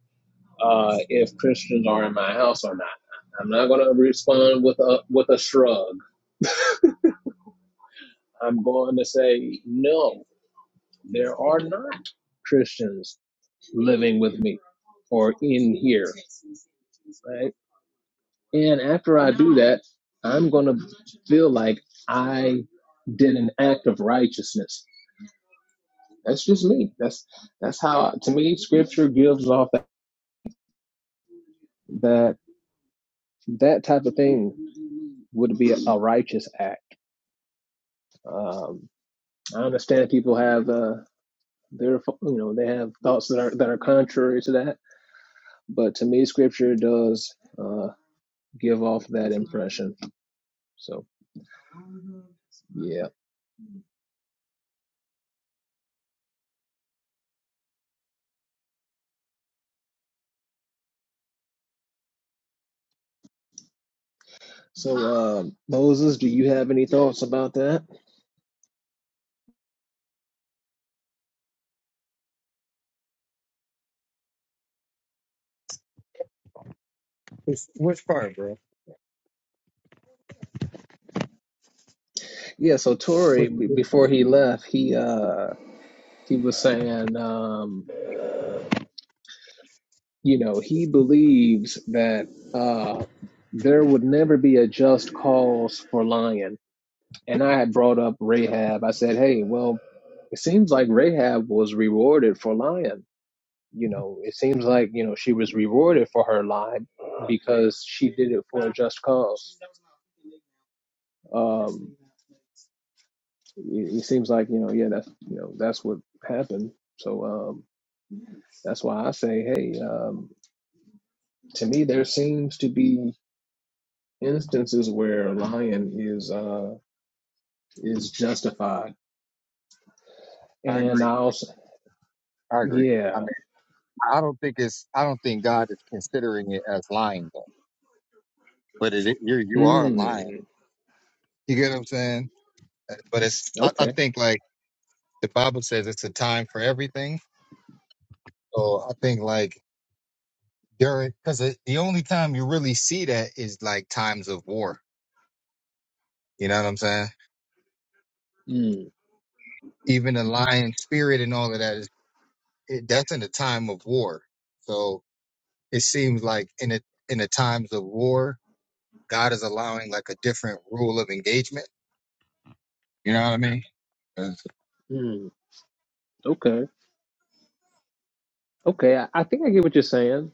[SPEAKER 1] uh, if Christians are in my house or not. I'm not going to respond with a with a shrug. I'm going to say no. There are not Christians living with me or And after I do that, I'm going to feel like I did an act of righteousness. That's just me. That's that's how to me scripture gives off that that, that type of thing would be a, a righteous act. Um, I understand people have uh, their you know they have thoughts that are that are contrary to that, but to me scripture does uh, give off that impression. So yeah. So um, Moses, do you have any thoughts about that? Yeah, so Tory, b- before he left, he uh he was saying, um, you know, he believes that uh there would never be a just cause for lying. And I had brought up Rahab. I said, hey, well, it seems like Rahab was rewarded for lying. You know, it seems like, you know, she was rewarded for her lie because she did it for a just cause. Um, It, it seems like you know, yeah, that's you know, that's what happened. So um, that's why I say, hey, um, to me, there seems to be instances where lying is uh, is justified, and I also, yeah, mm, okay, mm, mm, okay, okay. I, I think I get what you're saying,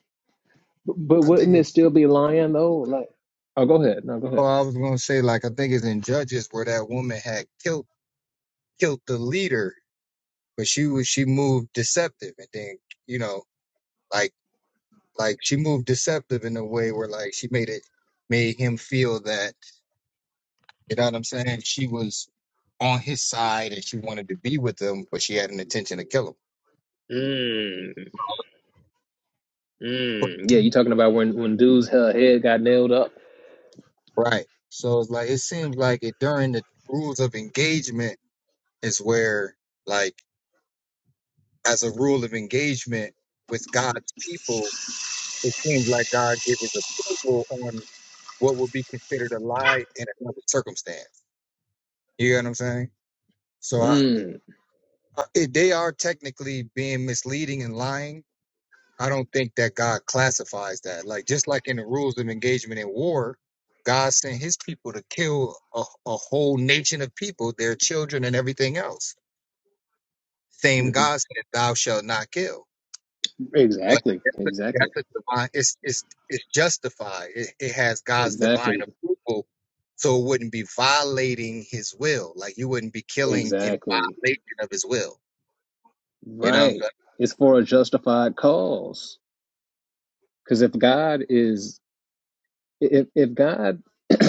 [SPEAKER 1] but, but wouldn't it still be lying though? Like, oh, go ahead, no, go ahead. Mm, mm. Yeah, you talking about when when dude's he- head got nailed up? Mm. Exactly. Exactly. Exactly. Exactly. Right. It's for a justified cause. Because if God is, if if God *clears throat*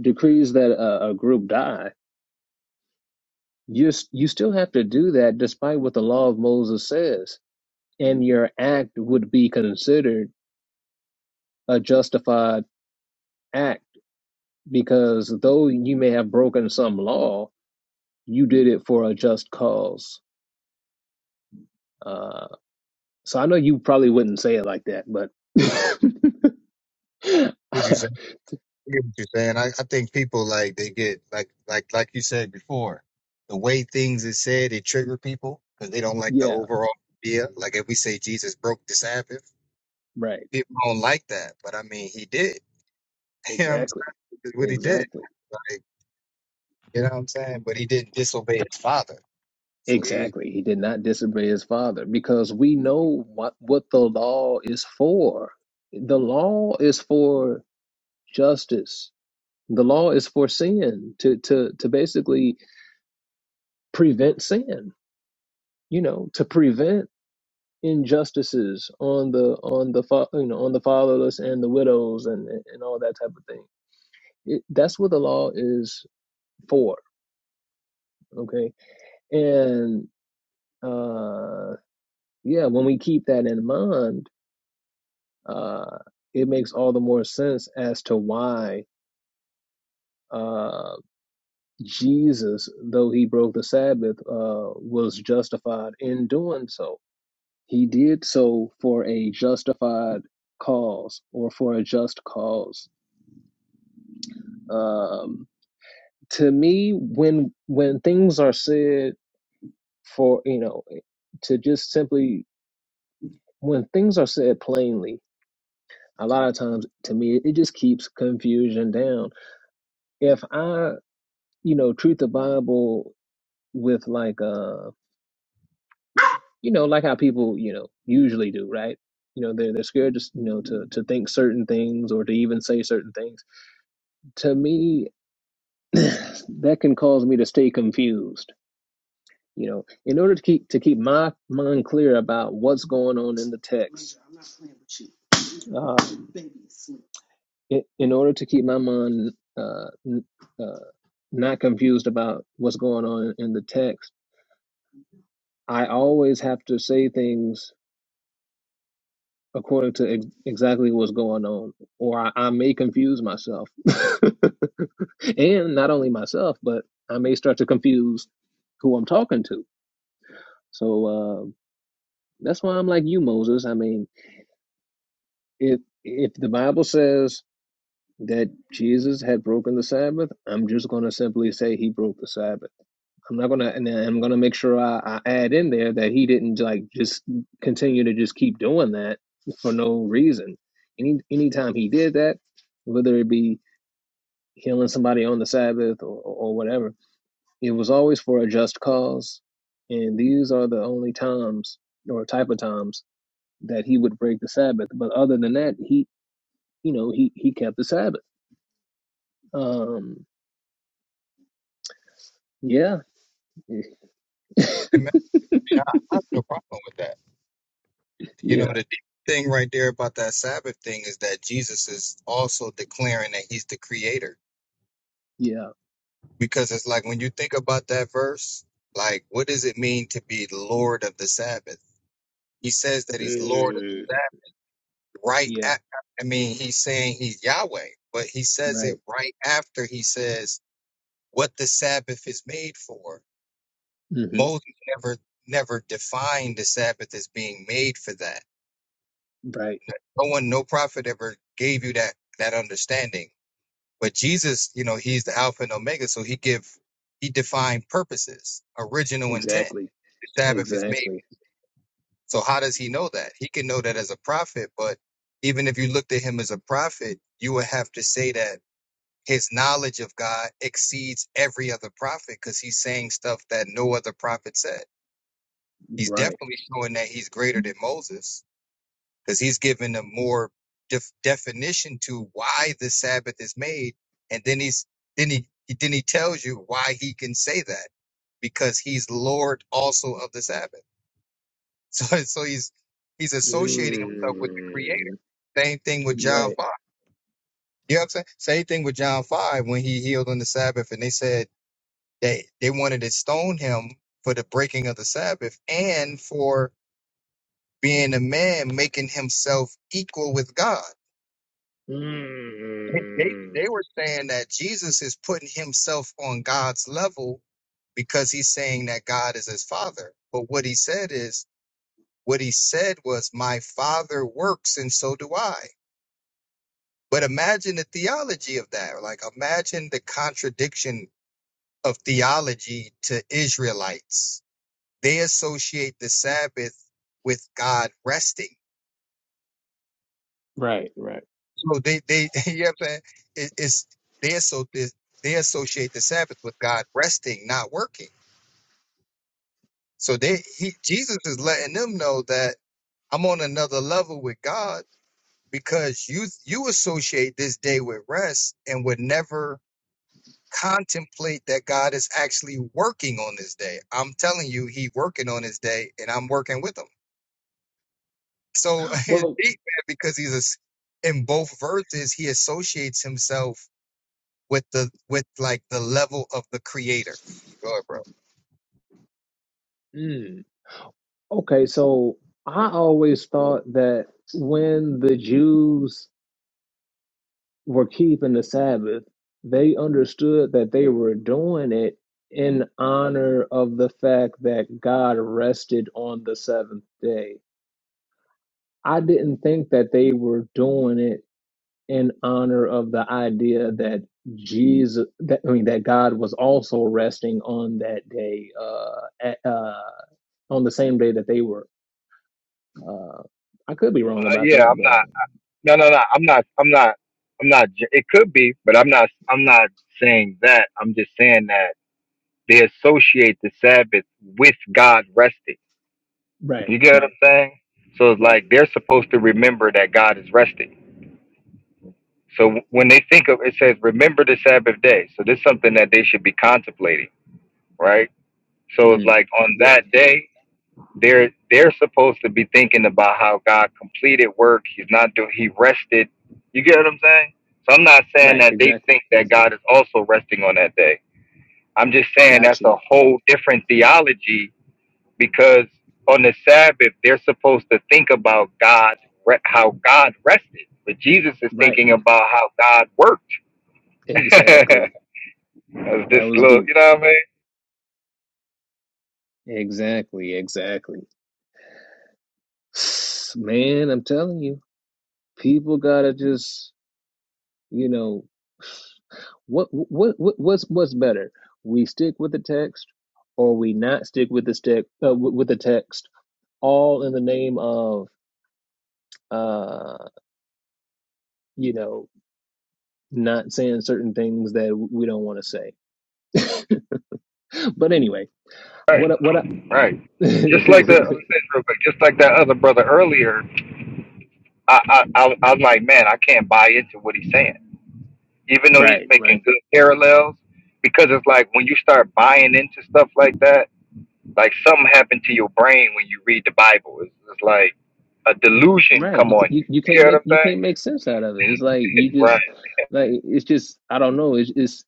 [SPEAKER 1] decrees that a, a group die, you s- you still have to do that, despite what the law of Moses says, and your act would be considered a justified act because though you may have broken some law, you did it for a just cause. Uh, So I know you probably wouldn't say it like that, but *laughs* yeah, right. Exactly. Exactly. Exactly. He did not disobey his father because we know what, what the law is for. The law is for justice. The law is for sin to, to, to basically prevent sin, you know, to prevent injustices on the on the fa- you know on the fatherless and the widows and and all that type of thing It, that's what the law is for. Okay, and uh, yeah, when we keep that in mind, uh, it makes all the more sense as to why uh, Jesus, though he broke the Sabbath, uh, was justified in doing so. He did so for a justified cause or for a just cause. Um, to me, when when things are said for you know to just simply when things are said plainly, a lot of times to me, it just keeps confusion down. If I, you know, treat the Bible with like, uh, you know, like how people, you know, usually do, right? You know, they're they're scared to, s- you know, to to think certain things or to even say certain things. To me, *clears throat* that can cause me to stay confused. You know, in order to keep to keep my mind clear about what's going on in the text, um, in, in order to keep my mind uh, n- uh, not confused about what's going on in the text, I always have to say things according to ex- exactly what's going on, or I, I may confuse myself. *laughs* and not only myself, but I may start to confuse who I'm talking to. So uh, that's why I'm like you, Moses. I mean, if if the Bible says that Jesus had broken the Sabbath, I'm just going to simply say he broke the Sabbath I'm not gonna, and I'm gonna make sure I, I add in there that he didn't like just continue to just keep doing that for no reason. Any anytime he did that, whether it be healing somebody on the Sabbath or, or whatever, it was always for a just cause. And these are the only times or type of times that he would break the Sabbath. But other than that, he, you know, he he kept the Sabbath. Um, yeah, *laughs* yeah, yeah, Mm. yeah, right, hmm right. Exactly. Exactly. Right. Mm. Right. Mm. Right. Right. Well, mm. okay. So I always thought that when the Jews were keeping the Sabbath, they understood that they were doing it in honor of the fact that God rested on the seventh day. I didn't think that they were doing it in honor of the idea that Jesus, that, I mean, that God was also resting on that day, uh, at, uh, on the same day that they were. Uh, I could be wrong
[SPEAKER 4] Uh,
[SPEAKER 1] about
[SPEAKER 4] yeah,
[SPEAKER 1] that,
[SPEAKER 4] I'm
[SPEAKER 1] but
[SPEAKER 4] not. No, no, no. I'm not. I'm not. I'm not. ju- It could be, but I'm not. I'm not saying that. I'm just saying that they associate the Sabbath with God resting.
[SPEAKER 1] right,
[SPEAKER 4] You get what
[SPEAKER 1] right,
[SPEAKER 4] I'm saying? So it's
[SPEAKER 1] right.
[SPEAKER 4] like they're supposed to remember that God is resting. So when they think of it, says remember the Sabbath day. So this is something that they should be contemplating, right? So it's
[SPEAKER 1] Mm,
[SPEAKER 4] like on
[SPEAKER 1] yeah,
[SPEAKER 4] that
[SPEAKER 1] yeah,
[SPEAKER 4] day They're they're supposed to be thinking about how God completed work. He's not doing. He rested. You get what I'm saying? So I'm not saying
[SPEAKER 1] right.
[SPEAKER 4] that they
[SPEAKER 1] Exactly,
[SPEAKER 4] think that God
[SPEAKER 1] exactly.
[SPEAKER 4] is also resting on that day. I'm just saying that's
[SPEAKER 1] Gotcha.
[SPEAKER 4] a whole different theology because on the Sabbath they're supposed to think about God, re- how God rested, but Jesus is
[SPEAKER 1] Right,
[SPEAKER 4] thinking about how God worked.
[SPEAKER 1] exactly.
[SPEAKER 4] *laughs* That's this
[SPEAKER 1] That was
[SPEAKER 4] little,
[SPEAKER 1] deep.
[SPEAKER 4] you know what I mean?
[SPEAKER 1] Exactly, exactly. *sighs* Man, I'm telling you, people gotta just, you know, What what what what's what's better? We stick with the text, or we not stick with the stick uh, w- with the text, all in the name of uh you know not saying certain things that we don't want to say. But anyway, what I-
[SPEAKER 4] Right,
[SPEAKER 1] what I,
[SPEAKER 4] right. Just like the
[SPEAKER 1] *laughs*
[SPEAKER 4] Let me say real quick. Just like that other brother earlier I, I, I I'm like, man, I can't buy into what he's saying, even though he's
[SPEAKER 1] right right
[SPEAKER 4] making good parallels. Because it's like when you start buying into stuff like that, like something happened to your brain when you read the Bible. It's, it's like a delusion
[SPEAKER 1] right
[SPEAKER 4] come
[SPEAKER 1] you,
[SPEAKER 4] on you.
[SPEAKER 1] you you
[SPEAKER 4] You
[SPEAKER 1] can't
[SPEAKER 4] get what
[SPEAKER 1] make you
[SPEAKER 4] I'm
[SPEAKER 1] can't make sense out of it. It's like you
[SPEAKER 4] saying?
[SPEAKER 1] just
[SPEAKER 4] Right.
[SPEAKER 1] like it's just I don't know. It's it's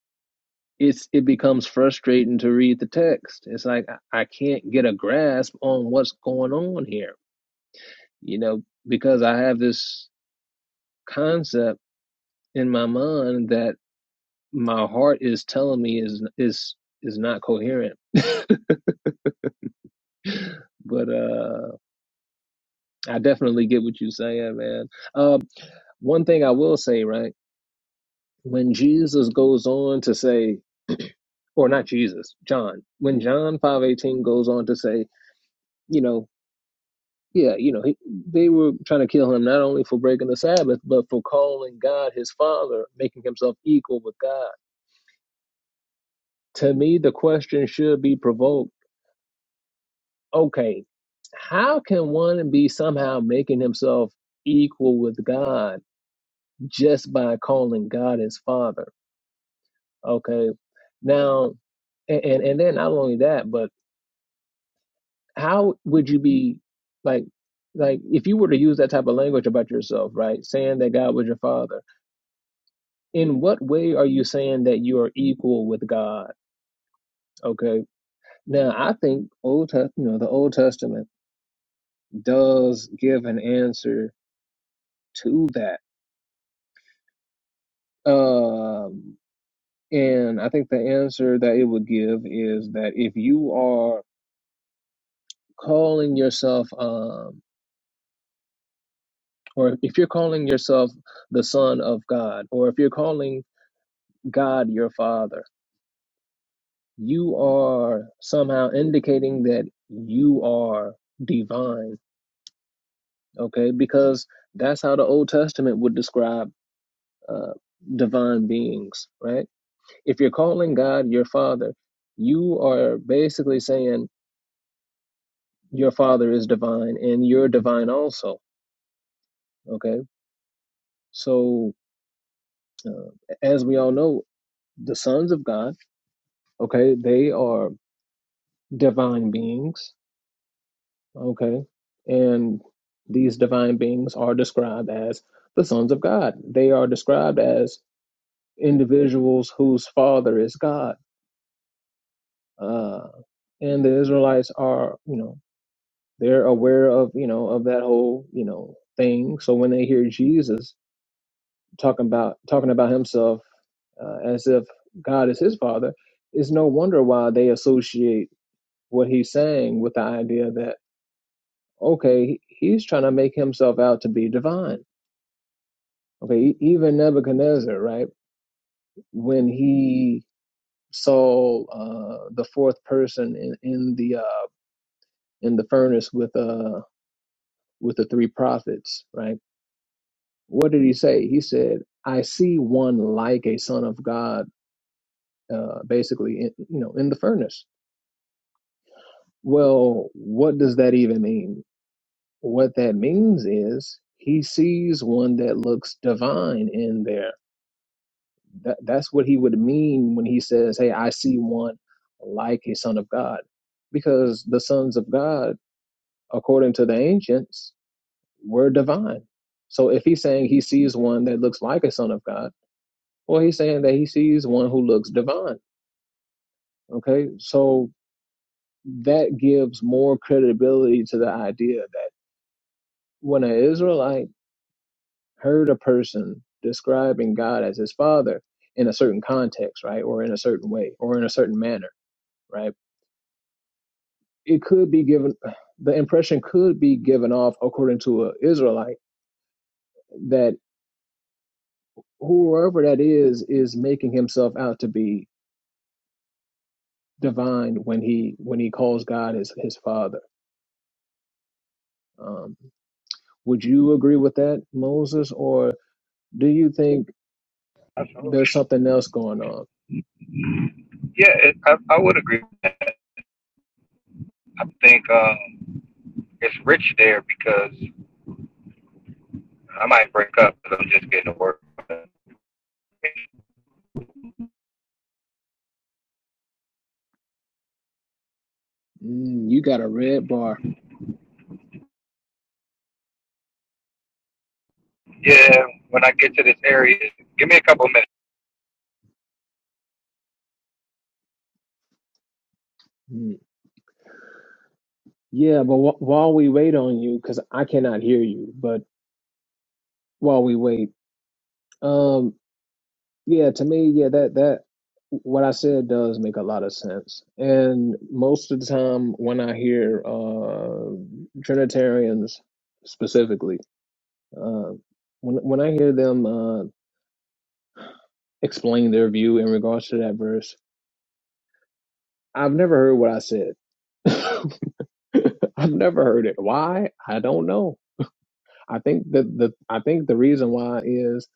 [SPEAKER 1] it's it becomes frustrating to read the text. It's like I, I can't get a grasp on what's going on here you know, because I have this concept in my mind that my heart is telling me is is is not coherent. But uh I definitely get what you're saying, man. Uh, one thing I will say, right, when Jesus goes on to say, or not Jesus, John, when John five eighteen goes on to say, you know, yeah, you know, he, they were trying to kill him not only for breaking the Sabbath, but for calling God his Father, making himself equal with God To me, the question should be provoked okay, how can one be somehow making himself equal with God just by calling God his father? Okay. Now and, and and then not only that, but how would you be like like if you were to use that type of language about yourself, right? Saying that God was your father, in what way are you saying that you are equal with God? Okay. Now I think Old Testament, you know, the Old Testament does give an answer to that. Um, and I think the answer that it would give is that if you are calling yourself, um, or if you're calling yourself the Son of God, or if you're calling God your Father, you are somehow indicating that you are divine, okay? Because that's how the Old Testament would describe uh, divine beings, right? If you're calling God your father, you are basically saying your father is divine and you're divine also. Okay. So, uh, as we all know, the sons of God, okay, they are divine beings. Okay. And these divine beings are described as the sons of God. They are described as individuals whose father is God. Uh, and the Israelites are, you know, They're aware of, you know, of that whole, you know, thing. So when they hear Jesus talking about talking about himself uh, as if God is his father, it's no wonder why they associate what he's saying with the idea that okay, he's trying to make himself out to be divine. Okay, e- even Nebuchadnezzar, right? When he saw uh, the fourth person in, in the uh, in the furnace with uh with the three prophets, right? What did he say? He said, "I see one like a son of God, uh, basically, in, you know, in the furnace." Well, what does that even mean? What that means is he sees one that looks divine in there. That, that's what he would mean when he says, "Hey, I see one like a son of God," because the sons of God, according to the ancients, were divine. So if he's saying he sees one that looks like a son of God Well, he's saying that he sees one who looks divine. Okay, so that gives more credibility to the idea that when an Israelite heard a person describing God as his father in a certain context, right, or in a certain way, or in a certain manner, right, it could be given, *sighs* the impression could be given off according to an Israelite that whoever that is is making himself out to be divine when he when he calls God his his father. Um, Would you agree with that, Moses, or do you think
[SPEAKER 4] Absolutely.
[SPEAKER 1] there's something else going on?
[SPEAKER 4] Yeah, it, I, I would agree. I think um, it's rich there because I might break up because I'm just getting to work.
[SPEAKER 1] Mm, you got a red bar.
[SPEAKER 4] Yeah, when I get to this area, give me a couple minutes.
[SPEAKER 1] Mm. Yeah, but wh- while we wait on you, because I cannot hear you, but while we wait, um, yeah, to me, yeah, that that what I said does make a lot of sense. And most of the time, when I hear uh, Trinitarians specifically, uh, when when I hear them uh, explain their view in regards to that verse, I've never heard what I said. *laughs* I've never heard it. Why? I don't know. I think that the I think the reason why is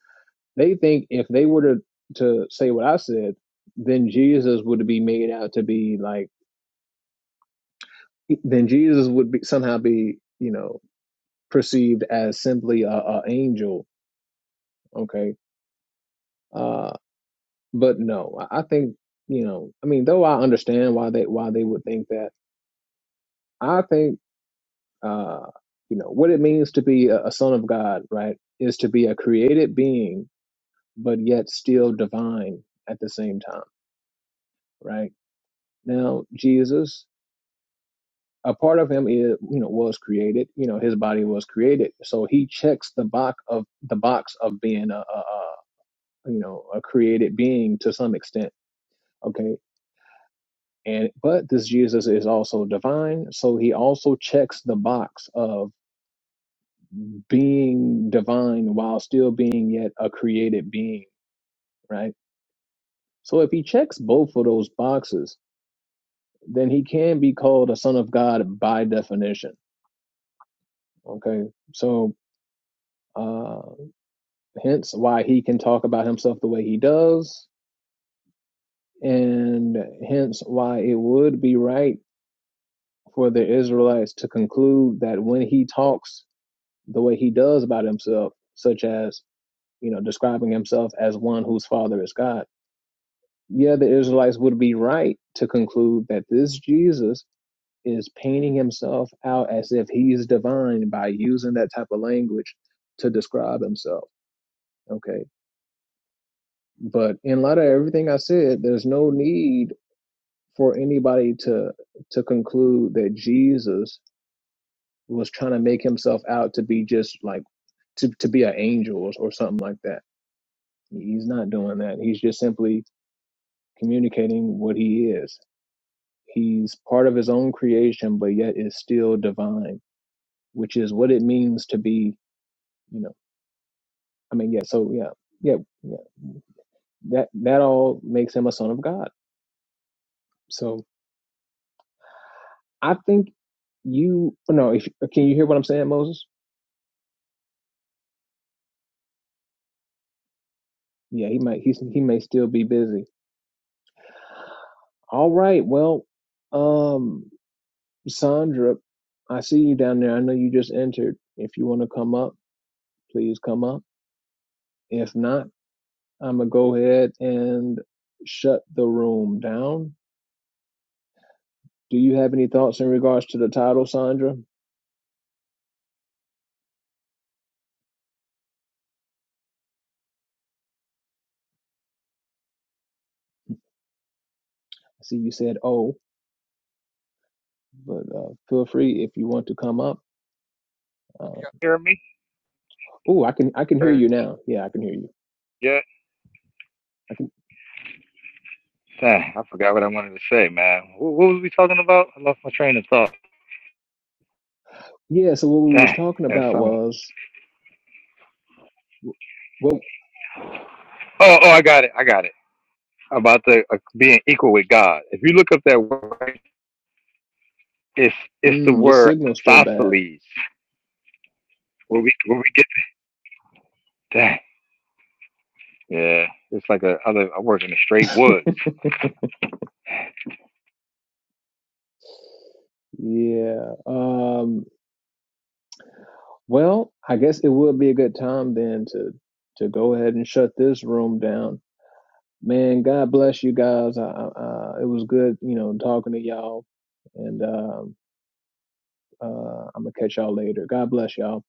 [SPEAKER 1] they think if they were to to say what I said, then Jesus would be made out to be like then Jesus would be somehow be you know perceived as simply a, a angel. Okay, uh, but no, I I think you know. I mean, though I understand why they why they would think that. I think. Uh, you know, what it means to be a, a son of God, right, is to be a created being, but yet still divine at the same time, right? Now, Jesus, a part of him is, you know, was created, you know, his body was created. So he checks the box of the box of being a, a, a you know, a created being to some extent. Okay. And, but this Jesus is also divine. So he also checks the box of being divine while still being yet a created being, right? So if he checks both of those boxes, then he can be called a son of God by definition. Okay. So uh hence why he can talk about himself the way he does, and hence why it would be right for the Israelites to conclude that when he talks the way he does about himself, such as, you know, describing himself as one whose father is God Yeah, the Israelites would be right to conclude that this Jesus is painting himself out as if he's divine by using that type of language to describe himself. Okay. But in light of everything I said, there's no need for anybody to to conclude that Jesus was trying to make himself out to be just like to, to be an angel or, or something like that. He's not doing that. He's just simply communicating what he is. He's part of his own creation, but yet is still divine, which is what it means to be, you know, I mean, yeah, so yeah, yeah, yeah. That that all makes him a son of God. So I think you oh, no, if, can you hear what I'm saying, Moses? Yeah, he might he's he may still be busy. All right, well, um, Sandra, I see you down there. I know you just entered. If you want to come up, please come up. If not, I'm gonna go ahead and shut the room down Do you have any thoughts in regards to the title, Sandra? I see you said "oh," but uh, feel free if you want to come up. Uh,
[SPEAKER 4] Hear me?
[SPEAKER 1] oh, I can I can hear
[SPEAKER 4] Uh,
[SPEAKER 1] you now. Yeah, I can hear you.
[SPEAKER 4] Yeah.
[SPEAKER 1] I can.
[SPEAKER 4] Dang, I forgot what I wanted to say, man. Wh- What, was we talking about? I lost my train of thought.
[SPEAKER 1] Yeah. So what we was
[SPEAKER 4] Dang,
[SPEAKER 1] talking
[SPEAKER 4] that's
[SPEAKER 1] about
[SPEAKER 4] something.
[SPEAKER 1] was well,
[SPEAKER 4] Oh, oh, I got it. I got it. About the uh, being equal with God. If you look up that word, it's it's the
[SPEAKER 1] mm, your
[SPEAKER 4] word
[SPEAKER 1] signal's still bad.
[SPEAKER 4] isosceles. Where we where we get dang. Yeah, it's like a I, live, I work in the straight
[SPEAKER 1] *laughs*
[SPEAKER 4] woods.
[SPEAKER 1] Yeah. Um, well, I guess it would be a good time then to to go ahead and shut this room down. Man, God bless you guys. I, I, I, it was good, you know, talking to y'all. And um, Uh, I'm gonna catch y'all later. God bless y'all.